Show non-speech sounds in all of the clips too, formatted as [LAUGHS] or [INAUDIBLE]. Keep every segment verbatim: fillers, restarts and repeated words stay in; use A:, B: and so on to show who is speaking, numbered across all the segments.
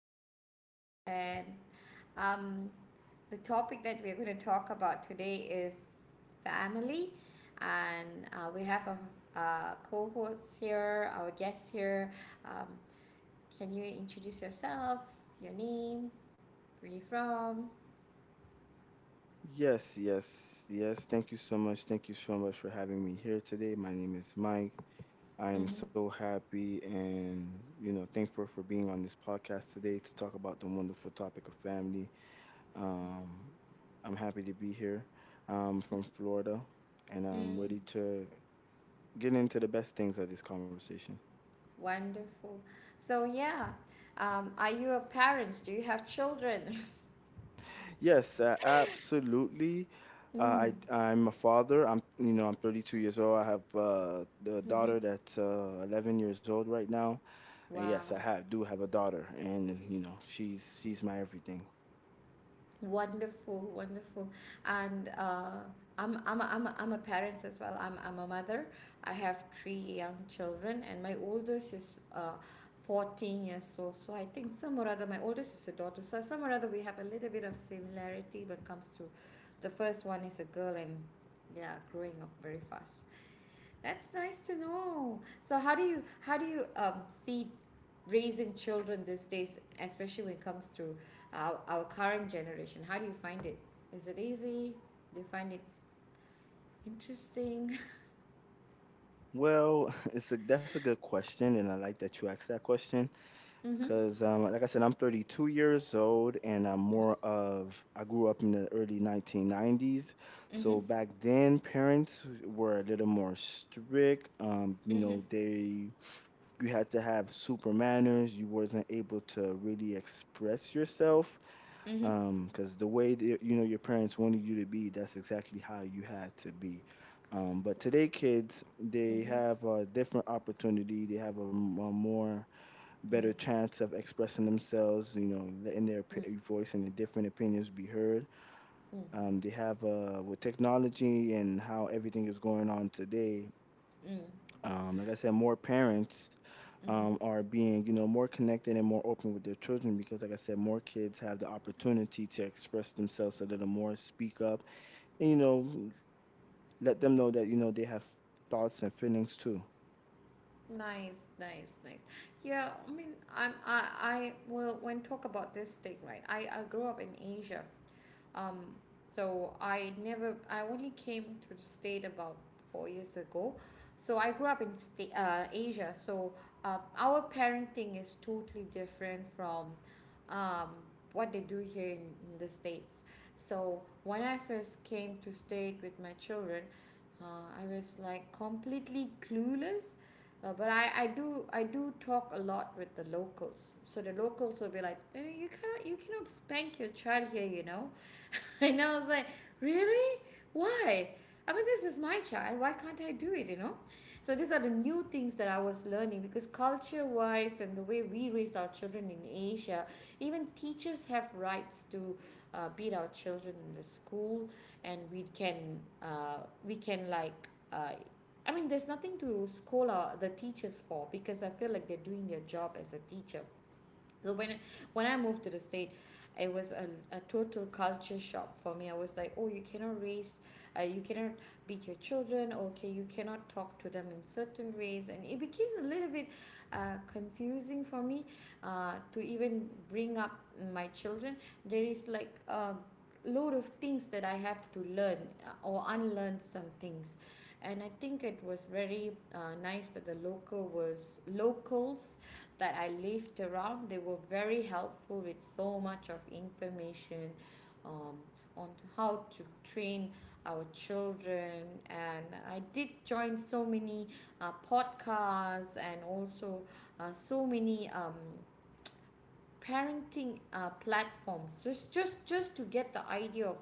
A: our podcast. And um, the topic that we're going to talk about today is family. And uh, we have a, a co host here, our guest here. Um, can you introduce yourself, your name, where you from?
B: Yes, yes, yes. Thank you so much. Thank you so much for having me here today. My name is Mike. I am
A: Mm-hmm.
B: so happy and, you know, thankful for being on this podcast today to talk about the wonderful topic of family. Um, I'm happy to be here. I'm from Florida and I'm
A: Mm,
B: ready to get into the best things of this conversation.
A: wonderful. So, yeah, um, are you a parent? Do you have children? [LAUGHS]
B: Yes, uh, absolutely. Uh,
A: Mm,
B: I I'm a father. I'm, you know, I'm thirty-two years old. I have uh, the daughter that's uh, eleven years old right now, and yes, I
A: wow.
B: have do have a daughter, and you know she's she's my everything.
A: Wonderful, wonderful. And uh, I'm, I'm, a, I'm, a, I'm a parent as well. I'm, I'm a mother. I have three young children, and my oldest is uh, fourteen years old. So I think some or other, my oldest is a daughter. So some or other, we have a little bit of similarity when it comes to the first one is a girl, and yeah, growing up very fast. That's nice to know. So how do you how do you um, see raising children these days, especially when it comes to our, our current generation? How do you find it? Is it easy? Do you find it interesting? [LAUGHS]
B: Well, [LAUGHS] it's a that's a good question, and I like that you asked that question.
A: Mm-hmm.
B: Cause um, like I said, I'm thirty-two years old, and I'm more of, I grew up in the early nineteen nineties.
A: Mm-hmm.
B: So back then, parents were a little more strict. Um, you know, they, you had to have super manners. You wasn't able to really express yourself.
A: Mm-hmm. Mm-hmm.
B: Um, cause the way that, you know, your parents wanted you to be, that's exactly how you had to be. Um, but today,
A: Wow.
B: kids, they
A: Mm-hmm.
B: have a different opportunity. They have a m a more better
A: Mm-hmm.
B: chance of expressing themselves, you know, letting their
A: Mm.
B: opi- voice and their different opinions be heard.
A: Mm.
B: Um, they have, uh, with technology and how everything is going on today,
A: Mm.
B: um, like I said, more parents
A: Mm-hmm.
B: um, are being, you know, more connected and more open with their children because, like I said, more kids have the opportunity to express themselves a little more, speak up, and, you know, let them know that, you know, they have thoughts and feelings too.
A: Nice, nice, nice. Yeah, I mean, I'm I I well, when talk about this thing, right? I I grew up in Asia. Um, so I never, I only came to the state about four years ago. So I grew up in sta- uh, Asia. So uh, our parenting is totally different from um, what they do here in, in the states. So when I first came to state with my children, uh, I was like completely clueless. Uh, but I, I do I do talk a lot with the locals. So the locals will be like, "Eh, you cannot you cannot spank your child here, you know." [LAUGHS] And I was like, really? Why? I mean, this is my child. Why can't I do it? You know? So these are the new things that I was learning, because culture wise, and the way we raise our children in Asia, even teachers have rights to uh, beat our children in the school, and we can uh, we can like. Uh, I mean, there's nothing to scold our, the teachers for, because I feel like they're doing their job as a teacher. So when when I moved to the state, it was a, a total culture shock for me. I was like, oh, you cannot raise, uh, you cannot beat your children. Okay, you cannot talk to them in certain ways. And it became a little bit uh, confusing for me uh, to even bring up my children. There is like a load of things that I have to learn, uh, or unlearn some things. And I think it was very uh, nice that the local was locals that I lived around, they were very helpful with so much of information um, on how to train our children. And I did join so many uh, podcasts, and also uh, so many um, parenting uh, platforms just just just to get the idea of,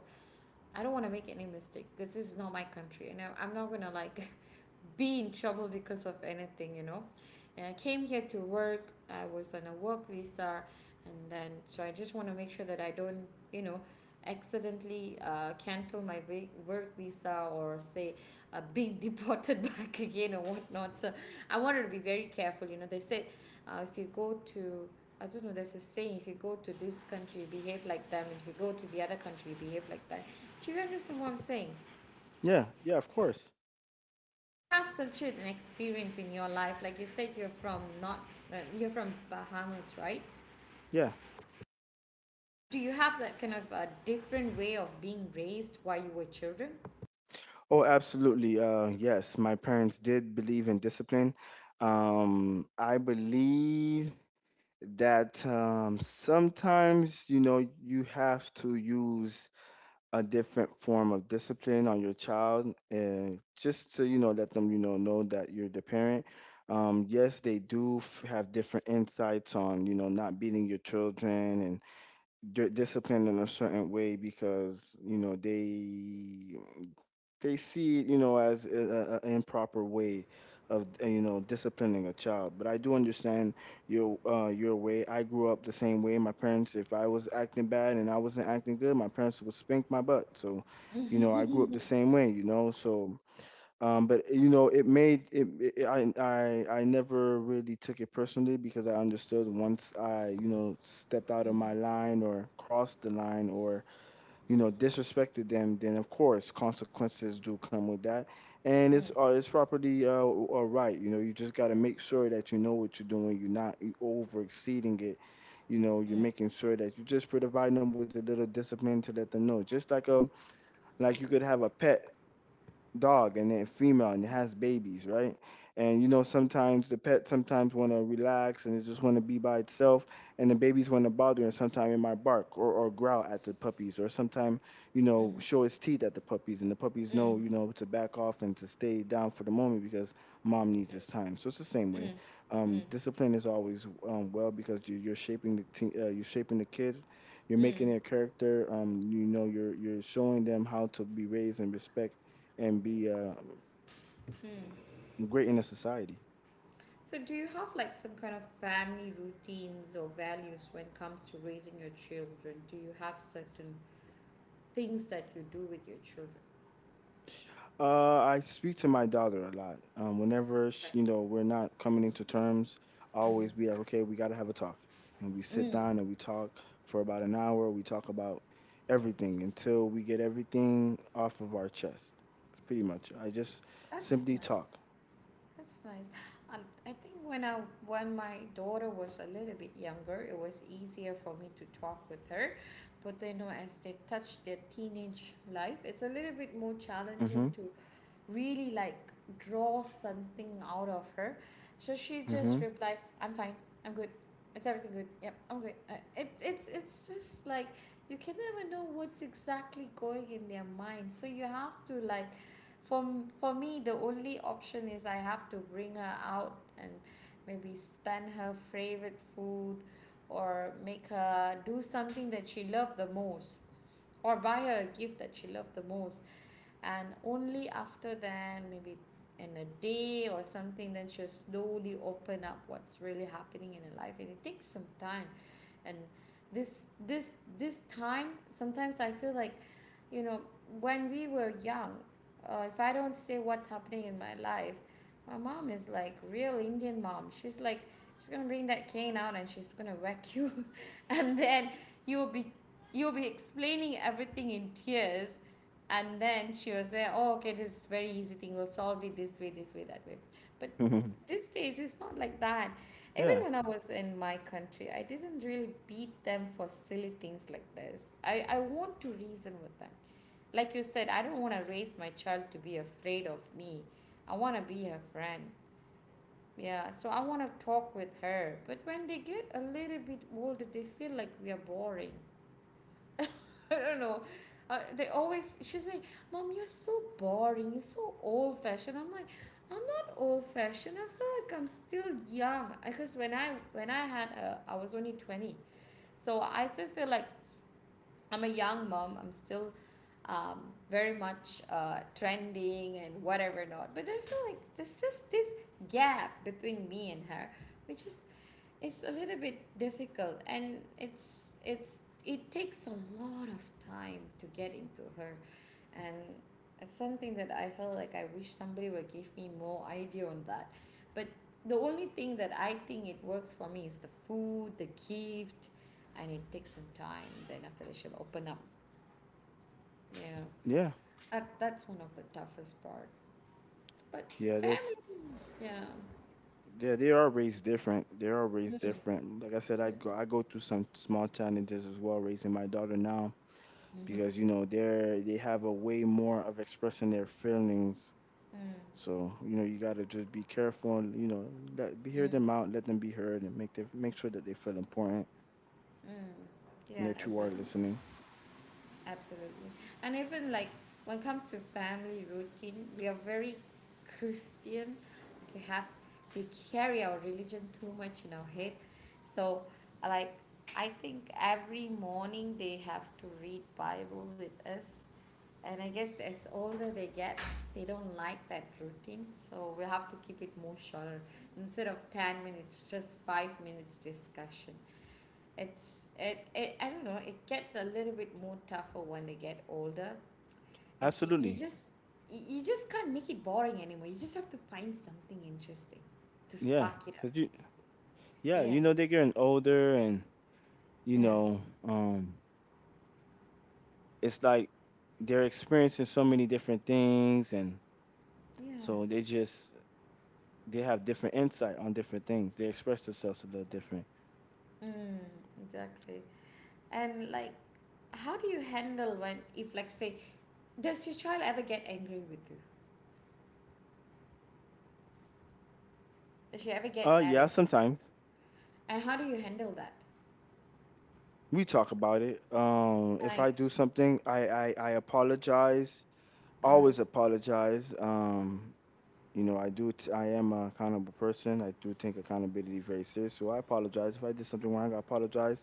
A: I don't want to make any mistake, because this is not my country and I- I'm not going to like [LAUGHS] be in trouble because of anything, you know. And I came here to work. I was on a work visa, and then so I just want to make sure that I don't, you know, accidentally uh, cancel my vi- work visa, or say uh, being [LAUGHS] deported back again or whatnot. So I wanted to be very careful. You know, they said, uh, if you go to, I don't know, there's a saying, if you go to this country, behave like them. If you go to the other country, behave like that. Do you understand what I'm saying?
B: Yeah, yeah, of course.
A: You have such an experience in your life. Like you said, you're from not, uh, you're from Bahamas, right?
B: Yeah.
A: So do you have that kind of a different way of being raised while you were children?
B: Oh, absolutely. Uh, yes, my parents did believe in discipline. Um, I believe that, um, sometimes, you know, you have to use a different form of discipline on your child, and just to, you know, let them, you know, know that you're the parent. Um, yes, they do f- have different insights on, you know, not beating your children and di- discipline in a certain way because, you know, they they see it, you know, as an improper way of, uh, you know, disciplining a child. But I do understand your uh, your way. I grew up the same way. My parents, if I was acting bad and I wasn't acting good, my parents would spank my butt. So, you know, I grew up the same way. You know, so. Um, but you know, it made it, it. I I I never really took it personally because I understood once I, you know, stepped out of my line or crossed the line or, you know, disrespected them, then of course consequences do come with that. And it's
A: Mm,
B: uh, it's property uh, uh right. You know, you just got to make sure that you know what you're doing. You're not over exceeding it. You know, you're
A: mm,
B: making sure that you're just providing them with a little discipline to let them know. Just like, um, like you could have a pet dog and then female and it has babies, right? And you know sometimes the pet sometimes want to relax and it just want to be by itself, and the babies want to bother and sometimes it might bark or, or growl at the puppies or sometimes you know
A: mm-hmm.
B: show its teeth at the puppies and the puppies
A: Mm,
B: know, you know, to back off and to stay down for the moment because mom needs this time. So it's the same
A: mm,
B: way.
A: mm,
B: Um,
A: mm,
B: discipline is always, um, well, because you, you're shaping the teen uh, you're shaping the kid, you're
A: mm,
B: making
A: mm.
B: their character, um you know, you're you're showing them how to be raised and respect and be um,
A: Mm.
B: great in the society.
A: So, do you have like some kind of family routines or values when it comes to raising your children? Do you have certain things that you do with your children?
B: Uh, I speak to my daughter a lot. Um, whenever sh
A: Right.
B: you know we're not coming into terms, I always be like, okay, we got to have a talk, and we sit
A: Mm-hmm. Mm.
B: down and we talk for about an hour. We talk about everything until we get everything off of our chest. That's pretty much. I just
A: That's
B: simply talk.
A: nice. That's nice. Um, I think when I when my daughter was a little bit younger, it was easier for me to talk with her. But then, you know, as they touch their teenage life, it's a little bit more challenging
B: Mhm.
A: to really like draw something out of her. So she just
B: Mhm. [LAUGHS]
A: replies, I'm fine, I'm good, it's everything good, yep, I'm good. uh, it, it's it's just like you can never know what's exactly going in their mind, so you have to like, for, for me, the only option is I have to bring her out, and maybe spend her favorite food, or make her do something that she loved the most, or buy her a gift that she loved the most. And only after then, maybe in a day or something, then she'll slowly open up what's really happening in her life, and it takes some time. And this this this time, sometimes I feel like, you know, when we were young, uh, if I don't say what's happening in my life, my mom is like real Indian mom. She's like, she's gonna bring that cane out and she's gonna whack [LAUGHS] you, [LAUGHS] and then you'll be you'll be explaining everything in tears, and then she will say, oh, okay, this is very easy thing, we'll solve it this way, this way, that way. But
B: Mhm.
A: these days it's not like that. Even
B: Yeah.
A: when I was in my country, I didn't really beat them for silly things like this. i, I want to reason with them. Like you said, I don't want to raise my child to be afraid of me. I want to be her friend. Yeah, so I want to talk with her. But when they get a little bit older, they feel like we are boring. [LAUGHS] I don't know. Uh, they always, she's like, Mom, you're so boring. You're so old fashioned. I'm like, I'm not old fashioned. I feel like I'm still young. Because when I when I had her, I was only twenty. So I still feel like I'm a young mom. I'm still um, very much uh, trending and whatever not. But I feel like there's just this gap between me and her, which is, it's a little bit difficult, and it's it's it takes a lot of time to get into her. And it's something that I felt like I wish somebody would give me more idea on that. But the only thing that I think it works for me is the food, the gift, and it takes some time. Then after that, she'll open up. Yeah.
B: Yeah.
A: That, that's one of the toughest part. But
B: Yeah.
A: family,
B: That's.
A: yeah.
B: Yeah, they are raised different. They are
A: Mm.
B: raised
A: Mm.
B: different. Like I said, I go I go through some small challenges as well raising my daughter now
A: Mhm.
B: because you know they're they have a way more of expressing their feelings.
A: Mm.
B: So you know you gotta just be careful and you know let be hear
A: Mm.
B: them out, let them be heard, and make their make sure that they feel important
A: Mm.
B: and
A: Yeah,
B: that you are
A: exactly.
B: listening.
A: Absolutely. And even like, when it comes to family routine, we are very Christian. We have, we carry our religion too much in our head. So like, I think every morning they have to read Bible with us. And I guess as older they get, they don't like that routine. So we have to keep it more shorter. Instead of ten minutes, just five minutes discussion, it's it it I don't know, it gets a little bit more tougher when they get older. And you you
B: Absolutely,
A: just, you you just can't make it boring anymore. You just have to find something interesting to
B: yeah,
A: spark it up.
B: cause you, yeah,
A: Yeah,
B: you know they're getting older and you
A: yeah,
B: know, um it's like they're experiencing so many different things and
A: yeah.
B: so they just, they have different insight on different things. They express themselves a little different.
A: Mm, exactly. And like, how do you handle, when, if like say, does your child ever get angry with you, does she ever get
B: Uh
A: mad at
B: yeah,
A: you,
B: sometimes
A: and how do you handle that?
B: we talk about it. Um if I do
A: Nice.
B: something, I I, I apologize.
A: uh,
B: Always apologize. Um you know, I do t- I am an accountable person. I do take accountability very serious. So I apologize if I did something wrong. I apologize.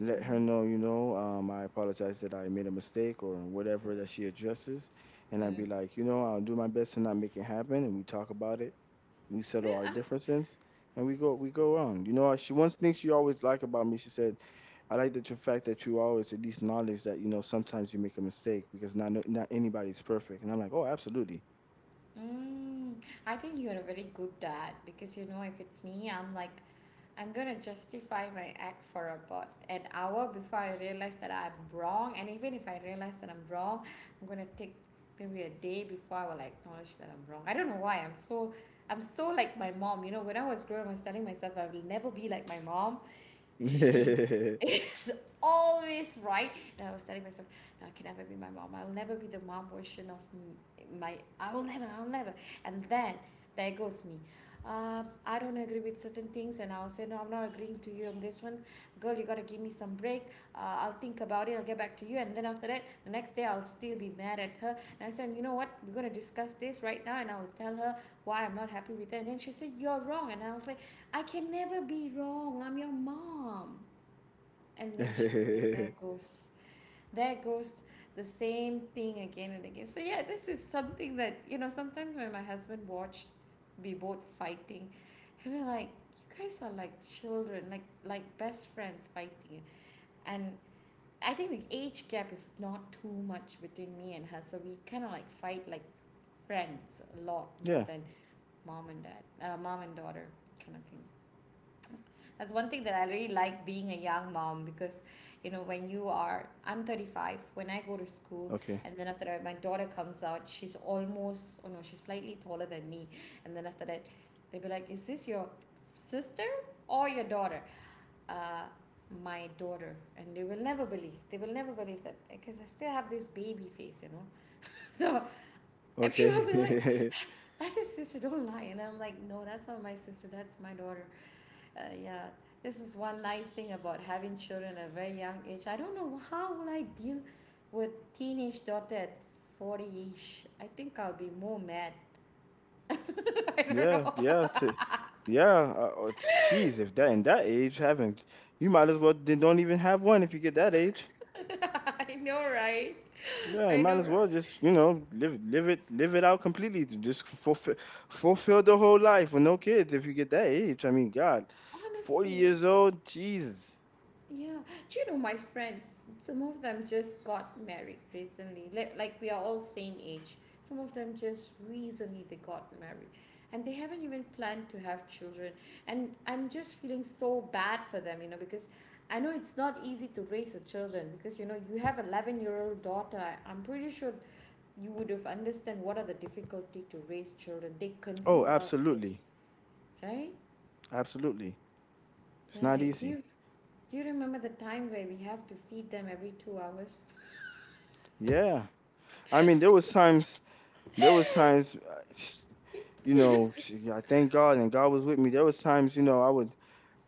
B: Let her know,
A: uh,
B: you know, um I apologize that I made a mistake or whatever that
A: mm,
B: she addresses and I'd be
A: mm.
B: like, you know, I'll do my best to not make it happen and we talk about it, we settle
A: Then,
B: our
A: I,
B: differences and we go we go on. You know, she, one thing she always liked about me, she said, I like the tr- fact that you always at least acknowledge that, you know, sometimes you make a mistake because not no- not anybody's perfect. And I'm like, oh, absolutely.
A: mm, I think you're a very good dad, because, you know, if it's me, I'm like, I'm gonna justify my act for about an hour before I realize that I'm wrong, and even if I realize that I'm wrong, I'm gonna take maybe a day before I will acknowledge that I'm wrong. I don't know why I'm so, I'm so like my mom. You know, when I was growing, I was telling myself I will never be like my mom. She
B: [LAUGHS]
A: is [LAUGHS] always right, and I was telling myself no, I can never be my mom, I'll never be the mom version of my I will never I'll never And then there goes me. Um, I don't agree with certain things and I'll say, no, I'm not agreeing to you on this one. Girl, you gotta give me some break. Uh, I'll think about it, I'll get back to you. And then after that, the next day I'll still be mad at her and I said, you know what, we're gonna discuss this right now. And I'll tell her why I'm not happy with her, and then she said, you're wrong, and I was like, I can never be wrong. I'm your mom. And then she'll be like, there goes, there goes the same thing again and again. So, yeah, this is something that, you know, sometimes when my husband watched be both fighting, and we're like, you guys are like children, like like best friends fighting. And I think the age gap is not too much between me and her, so we kind of like fight like friends a lot more
B: Yeah.
A: than mom and dad, uh, mom and daughter kind of thing. That's one thing that I really like being a young mom, because, you know, when you are, I'm thirty-five, when I go to school,
B: Okay.
A: and then after that, my daughter comes out, she's almost, oh no, she's slightly taller than me. And then after that, they'll be like, is this your sister or your daughter? Uh, my daughter. And they will never believe, they will never believe that, because I still have this baby face, you know. [LAUGHS] So, and people
B: Okay.
A: will be like, that's your sister, don't lie. And I'm like, no, that's not my sister, that's my daughter. Uh, yeah, this is one nice thing about having children at a very young age. I don't know how will I deal with teenage daughter at forty-ish. I think I'll be more mad. [LAUGHS] I
B: [LAUGHS]
A: don't
B: yeah,
A: know.
B: yeah. t- yeah, uh, uh, t- Geez, if that, in that age having, you might as well then don't even have one if you get that age.
A: [LAUGHS] I know, right?
B: Yeah, you
A: I
B: might
A: know,
B: as well
A: right?
B: just, you know, live live it live it out completely. To Just fulfill fulfill the whole life with no kids if you get that age. I mean, God, forty
A: Honestly,
B: years old, Jesus.
A: yeah. Do you know my friends? Some of them just got married recently. Like, like we are all same age. Some of them just recently they got married, and they haven't even planned to have children. And I'm just feeling so bad for them, you know, because I know it's not easy to raise a children, because you know you have eleven year old daughter. I- I'm pretty sure you would have understand what are the difficulty to raise children. They
B: Oh,
A: consume a lot of energy,
B: absolutely,
A: right?
B: absolutely. It's not
A: Right. Do
B: easy.
A: you do you remember the time where we have to feed them every two hours?
B: Yeah, I mean, there was times there was times, uh, [SNIFFS] you know, [SNIFFS] I thank God and God was with me. There was times you know I would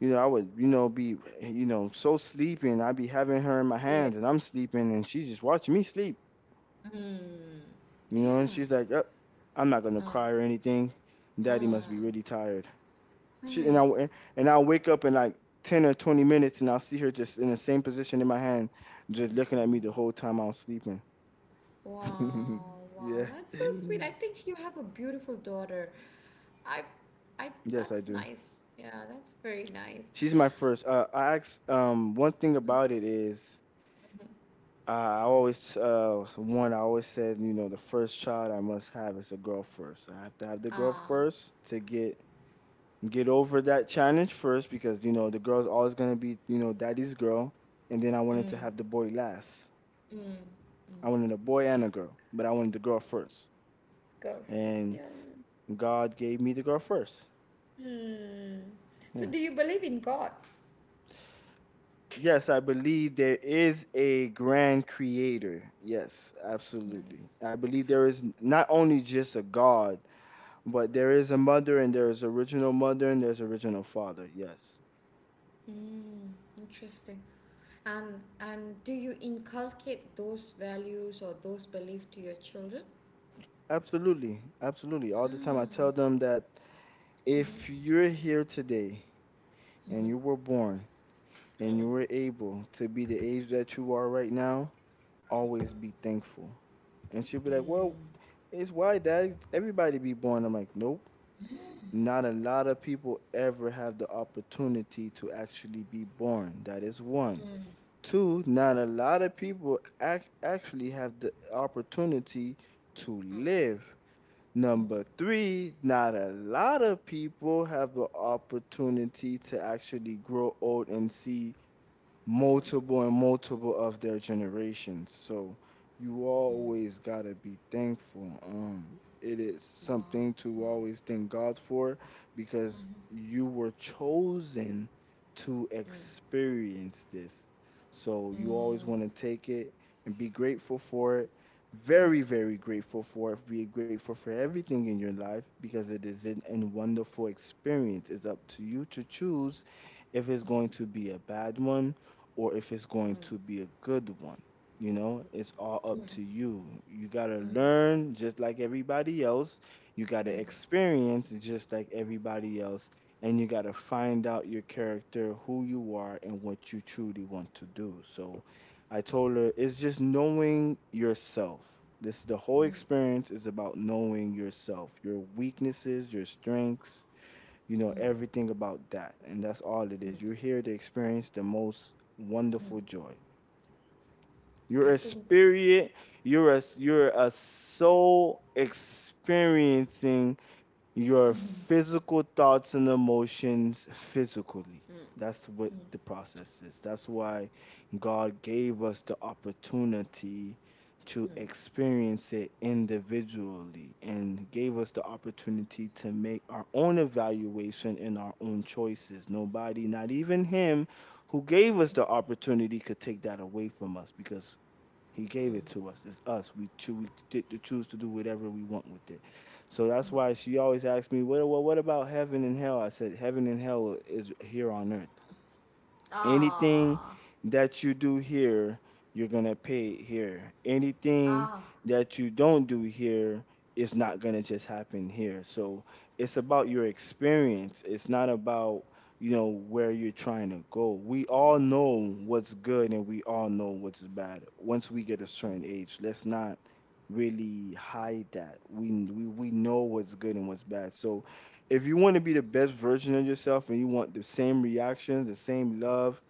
B: you know I would, you know, be, you know, so sleeping. I'd be having her in my
A: Yeah.
B: hands and I'm sleeping and she's just watching me sleep.
A: Hmm.
B: You know, and she's like, "Yep, I'm not gonna cry or anything. Daddy must be really tired." She and
A: Nice.
B: I and I'll wake up in like ten or twenty minutes, and I'll see her just in the same position in my hand, just looking at me the whole time I was sleeping. [LAUGHS]
A: Wow. Wow.
B: Yeah.
A: That's so sweet. I think you have a beautiful daughter. I, I.
B: Yes, I
A: That's
B: do.
A: nice. Yeah. That's very nice.
B: She's my first. Uh, I asked. Um, one thing about it is, uh, I always uh one I always said, you know, the first child I must have is a girl first. I have to have the girl
A: Ah.
B: first to get get over that challenge first because you know the girl's always gonna be, you know, daddy's girl, and then I wanted
A: Mm.
B: to have the boy last.
A: Mm.
B: I wanted a boy and a girl, but I wanted the girl first,
A: God bless
B: and
A: you.
B: God gave me the girl first.
A: Hmm. So,
B: Yeah.
A: do you believe in God?
B: Yes, I believe there is a grand creator. Yes, absolutely.
A: Nice.
B: I believe there is not only just a God, but there is a mother and there is original mother and there's original father. Yes.
A: Mm, interesting. And and do you inculcate those values or those beliefs to your children?
B: Absolutely. Absolutely.
A: [GASPS]
B: All the time I
A: Mm,
B: tell them that, if you're here today and you were born and you were able to be the age that you are right now, always be thankful. And she'll be like,
A: mm,
B: well, it's why that everybody be born. I'm like, nope. Not a lot of people ever have the opportunity to actually be born. That is one. Two, not a lot of people act- actually have the opportunity to live. Number three, not a lot of people have the opportunity to actually grow old and see multiple and multiple of their generations. So you
A: mm.
B: always gotta be thankful. Um, it is
A: Wow.
B: something to
A: Wow.
B: always thank God for because
A: Mm-hmm.
B: you were chosen to
A: Hmm.
B: experience this. So you
A: Mm,
B: always want to take it and be grateful for it. Very, very grateful for it. Be grateful for everything in your life because it is an, an wonderful experience. It's up to you to choose if it's going to be a bad one or if it's going to
A: mm,
B: be a good one. You know, it's all
A: mm,
B: up to you. You got to learn just like everybody else. You
A: mm,
B: got
A: mm,
B: to experience just like everybody else. And you got to find out your character, who you are, and what you truly want to do. So I told her it's just knowing yourself. This the whole experience is about knowing yourself, your weaknesses, your strengths, you
A: mm,
B: know
A: mm,
B: everything about that, and that's all it is.
A: mm.
B: You're here to experience the most
A: Mm.
B: wonderful joy.
A: I
B: You're a
A: think,
B: spirit. You're a you're a soul experiencing your physical thoughts and emotions physically. That's what the process is. That's why God gave us the opportunity to experience it individually and gave us the opportunity to make our own evaluation and our own choices. Nobody, not even Him who gave us the opportunity, could take that away from us because he gave it to us. It's us. We, choo- we get to choose to do whatever we want with it. So that's why she always asks me, well, well, what about heaven and hell? I said, heaven and hell is here on earth. Anything
A: ah,
B: that you do here, you're gonna pay it here. Anything
A: ah,
B: that you don't do here is not gonna just happen here. So it's about your experience. It's not about you know where you're trying to go. We all know what's good and we all know what's bad. Once we get a certain age, let's not really hide that. We we we know what's good and what's bad. So if you want to be the best version of yourself and you want the same reactions, the same love,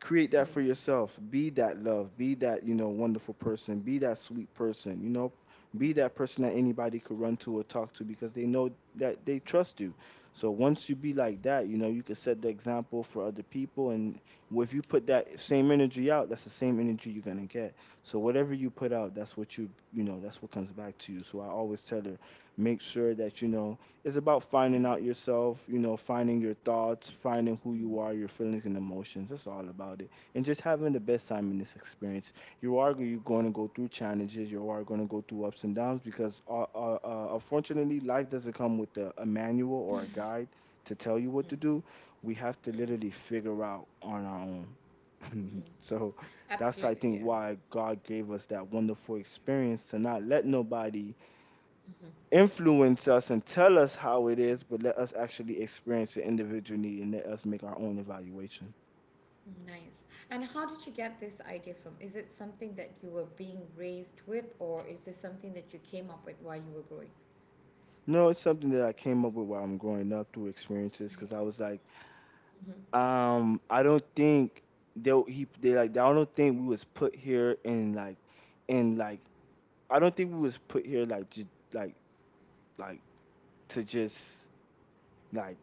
B: create that for yourself. Be that love, be that you know wonderful person, be that sweet person, you know, be that person that anybody could run to or talk to because they know that they trust you. So once you be like that, you know, you can set the example for other people. And if you put that same energy out, that's the same energy you're going to get. So whatever you put out, that's what you you know, that's what comes back to you. So I always tell her, make sure that you know it's about finding out yourself, you know, finding your thoughts, finding
A: mm,
B: who
A: mm.
B: you are, your feelings and emotions. That's all about it. And just having the best time in this experience. You are, you're going to go through challenges. You are going to go through ups and downs because, uh, uh, uh, unfortunately, life doesn't come with a, a manual or a guide to tell you what to do. We have to literally figure out on our own. [LAUGHS] So that's, I
A: Absolutely, yeah.
B: think, why God gave us that wonderful experience to not let nobody influence us and tell us how it is, but let us actually experience the individual need and let us make our own evaluation.
A: Nice. And how did you get this idea from? Is it something that you were being raised with, or is this something that you came up with while you were growing?
B: No, it's something that I came up with while I'm growing up through experiences because I was
A: Nice.
B: like,
A: Mm-hmm.
B: um, I don't think they he they like I don't think we was put here in like in like I don't think we was put here like ju- like like to just like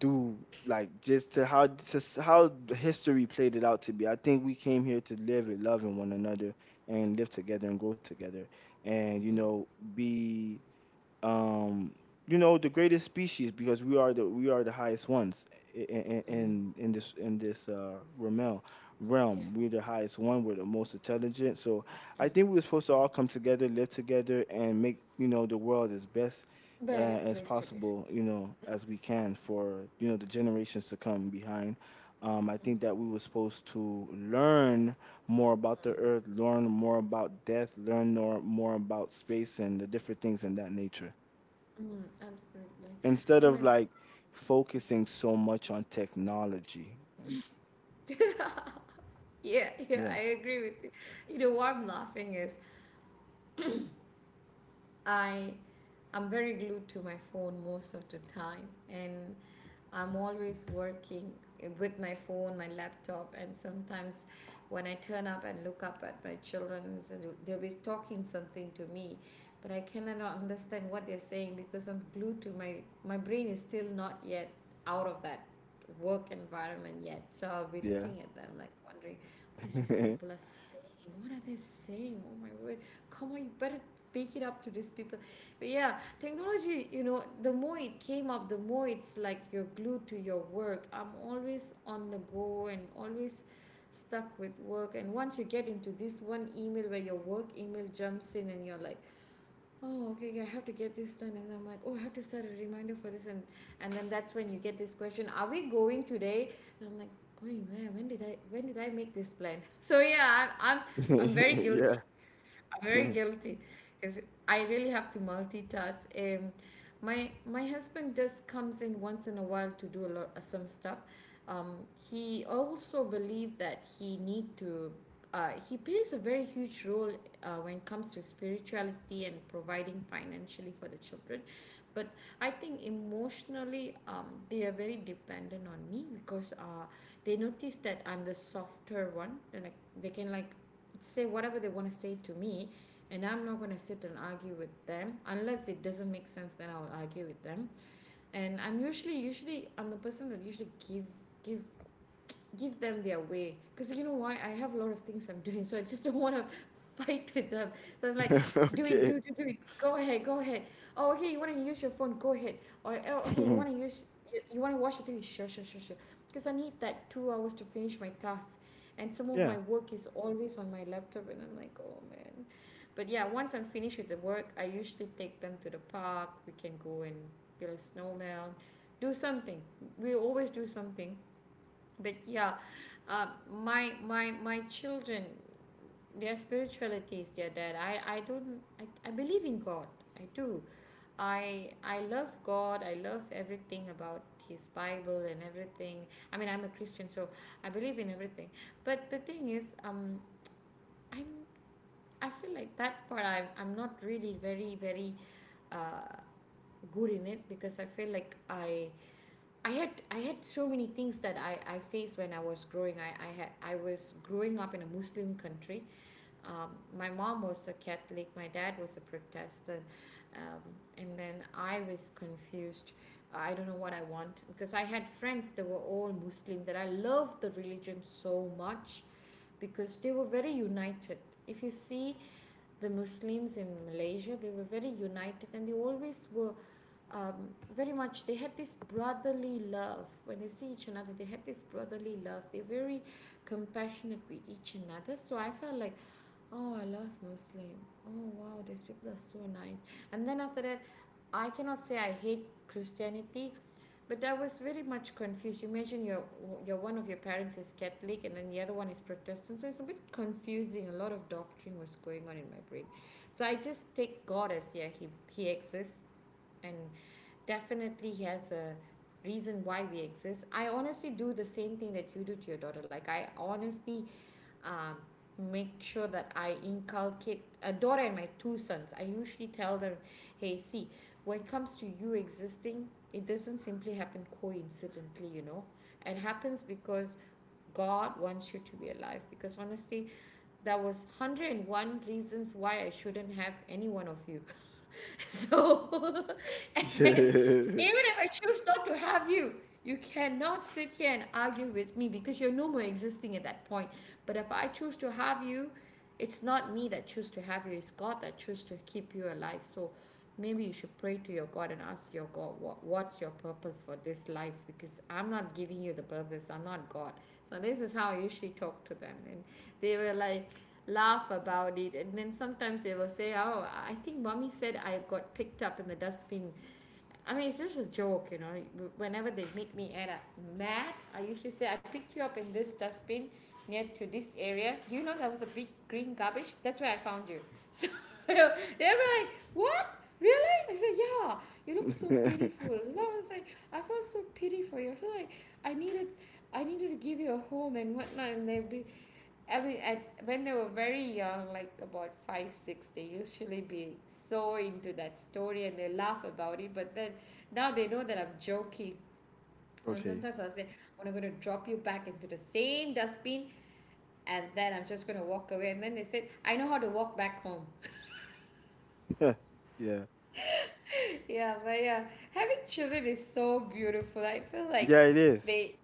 B: do like just to how to s- how the history played it out to be. I think we came here to live it, loving one another, and live together and grow together, and you know be um you know the greatest species because we are the we are the highest ones in
A: Mm.
B: in, in this in this uh realm
A: Yeah.
B: realm We're the highest one, we're the most intelligent. So I think we're supposed to all come together, live together, and make you know the world as best uh,
A: Better
B: as
A: place to live.
B: possible, you know, as we can for you know the generations to come behind. um, I think that we were supposed to learn more about the earth, learn more about death, learn more, more about space and the different things in that nature
A: Mm, absolutely.
B: instead
A: I
B: of
A: mean,
B: like focusing so much on technology.
A: [LAUGHS] yeah, yeah, I
B: Yeah,
A: agree with you. You know, why I'm laughing is I I'm very glued to my phone most of the time, and I'm always working with my phone, my laptop, and sometimes when I turn up and look up at my children, so they'll be talking something to me, but I cannot understand what they're saying, because I'm glued to my, my brain is still not yet out of that work environment yet. So I'll be
B: yeah,
A: looking at them like wondering, what is this people
B: [LAUGHS]
A: are saying? What are they saying? Oh my word! Come on, you better pick it up to these people. But yeah, technology, you know, the more it came up, the more it's like you're glued to your work. I'm always on the go and always stuck with work. And once you get into this one email where your work email jumps in and you're like, oh, okay okay, I have to get this done, and I'm like, oh, I have to set a reminder for this. and and then that's when you get this question, are we going today? And I'm like, going where, when did i when did i make this plan? [LAUGHS] So yeah, I, am i'm i'm very
B: yeah.
A: guilty. I'm very
B: [LAUGHS]
A: guilty, because I really have to multitask. Um, my my husband just comes in once in a while to do a lot of some stuff. Um, he also believes that he need to. Uh, he plays a very huge role uh, when it comes to spirituality and providing financially for the children, but I think emotionally um, they are very dependent on me, because uh, they notice that I'm the softer one. Then I, they can like say whatever they want to say to me, and I'm not going to sit and argue with them, unless it doesn't make sense, then I'll argue with them. And I'm usually usually I'm the person that usually give give give them their way, because, you know why, I have a lot of things I'm doing, so I just don't want to [LAUGHS] fight with them. So I was like, do it
B: Okay.
A: do it, do it go ahead, go ahead. Oh okay, you want to use your phone, go ahead. Or oh, okay, you want to
B: [LAUGHS]
A: use, you, you want to watch the T V, sure sure sure sure, because I need that two hours to finish my tasks. And some of my
B: Yeah.
A: work is always on my laptop and I'm like, oh man. But yeah, once I'm finished with the work, I usually take them to the park. We can go and build a snowman, do something, we always do something. But yeah, um, my my my children, their spirituality is their dad. I I don't I, I believe in God, I do, i i love God, I love everything about his bible and everything. I mean, I'm a Christian, so I believe in everything. But the thing is, um i'm I feel like that part i'm, I'm not really very very uh good in it, because I feel like i I had I had so many things that I, I faced when I was growing. I, I had I was growing up in a Muslim country. Um, my mom was a Catholic. My dad was a Protestant, um, and then I was confused. I don't know what I want, because I had friends that were all Muslim. That I loved the religion so much, because they were very united. If you see the Muslims in Malaysia, they were very united, and they always were, um, very much, they had this brotherly love. When they see each another, they had this brotherly love, they're very compassionate with each another. So I felt like, oh, I love Muslim, oh wow, these people are so nice. And then after that, I cannot say I hate Christianity, but I was very much confused. Imagine your your one of your parents is Catholic and then the other one is Protestant, so it's a bit confusing, a lot of doctrine was going on in my brain. So I just take God as, yeah, he, he exists and definitely has a reason why we exist. I honestly do the same thing that you do to your daughter. Like, I honestly, um, make sure that I inculcate a daughter and my two sons. I usually tell them, hey see, when it comes to you existing, it doesn't simply happen coincidentally, you know. It happens because God wants you to be alive, because honestly, there was a hundred and one reasons why I shouldn't have any one of you. [LAUGHS] [LAUGHS] So [LAUGHS] and
B: Yeah,
A: even if I choose not to have you, you cannot sit here and argue with me, because you're no more existing at that point. But if I choose to have you, it's not me that choose to have you, it's God that choose to keep you alive. So maybe you should pray to your God and ask your God, what, what's your purpose for this life? Because I'm not giving you the purpose, I'm not God. So this is how I usually talk to them. And they were like, laugh about it. And then sometimes they will say, "Oh, I think mommy said I got picked up in the dustbin." I mean it's just a joke. You know whenever they make me add mad, I usually say, "I picked you up in this dustbin near to this area. Do you know There was a big green garbage. That's where I found you." So [LAUGHS] they were like, "What, really?" I said, "Yeah, you look so
B: [LAUGHS]
A: pitiful, so I was like, I felt so pity for you. I feel like I needed, I needed to give you a home and whatnot." And they'd be, I mean at when they were very young, like about five six, they usually be so into that story, and they laugh about it. But then now they know that I'm joking. And
B: okay.
A: sometimes I'll say, "I'm gonna drop you back into the same dustbin, and then I'm just gonna walk away." And then they said, "I know how to walk back home."
B: Yeah. Yeah.
A: [LAUGHS] Yeah, but yeah, having children is so beautiful. I feel like
B: Yeah, it is.
A: they,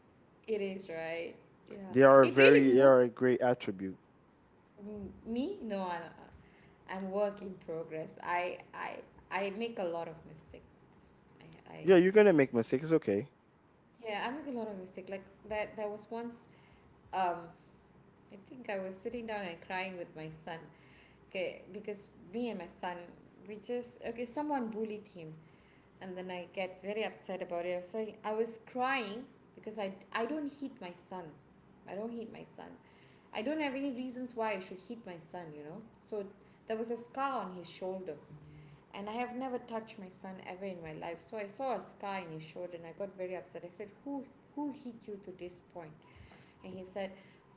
A: it is, right? Yeah,
B: They are a
A: it really
B: very, they are
A: motivates
B: a great attribute.
A: me. No, I don't. I'm work in progress. I I I make a lot of mistake. I I
B: Yeah, you're gonna make mistakes. It's okay.
A: Yeah, I make a lot of mistake. Like, that there was once, um I think I was sitting down and crying with my son. Okay, because me and my son, we just, okay, someone bullied him, and then I get very upset about it, so I was crying. Because I I don't hit my son. I don't hit my son. I don't have any reasons why I should hit my son, you know. So there was a scar on his shoulder. And I have never touched my son ever in my life. So I saw a scar in his shoulder and I got very upset. I said, "Who who hit you to this point?" And he said,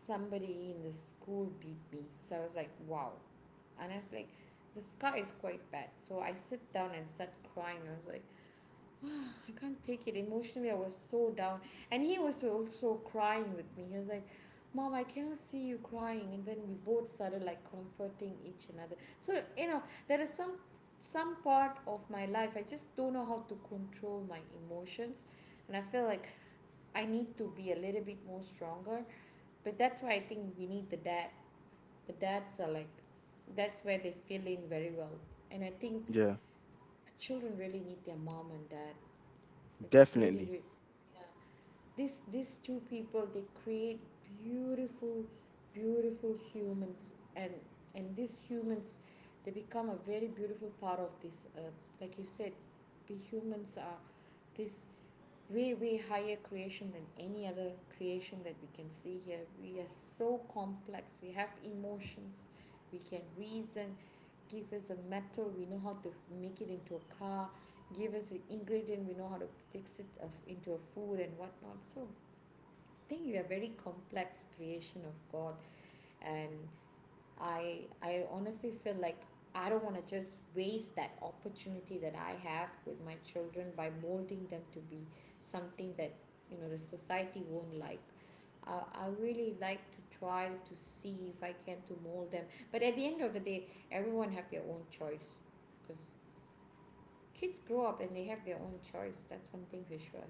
A: "Somebody in the school beat me." So I was like, "Wow." And I was like, the scar is quite bad. So I sit down and start crying. I was like, I can't take it emotionally. I was so down, and he was also crying with me. He was like, "Mom, I cannot see you crying," and then we both started like comforting each another. So you know, there is some some part of my life I just don't know how to control my emotions, and I feel like I need to be a little bit more stronger. But that's why I think we need the dad. The dads are like, that's where they fill in very well, and I think
B: Yeah,
A: children really need their mom and dad. It's really,
B: definitely.
A: really, yeah. this These two people, they create beautiful, beautiful humans. And and these humans, they become a very beautiful part of this earth. Like you said, we humans are, this way, way higher creation than any other creation that we can see here. We are so complex, we have emotions, we can reason. Give us a metal, we know how to make it into a car. Give us an ingredient, we know how to fix it of into a food and whatnot. So I think you are very complex creation of God. And I I honestly feel like I don't want to just waste that opportunity that I have with my children by molding them to be something that, you know, the society won't like. I I really like to try to see if I can to mold them, but at the end of the day, everyone have their own choice. Because kids grow up and they have their own choice. That's one thing for sure.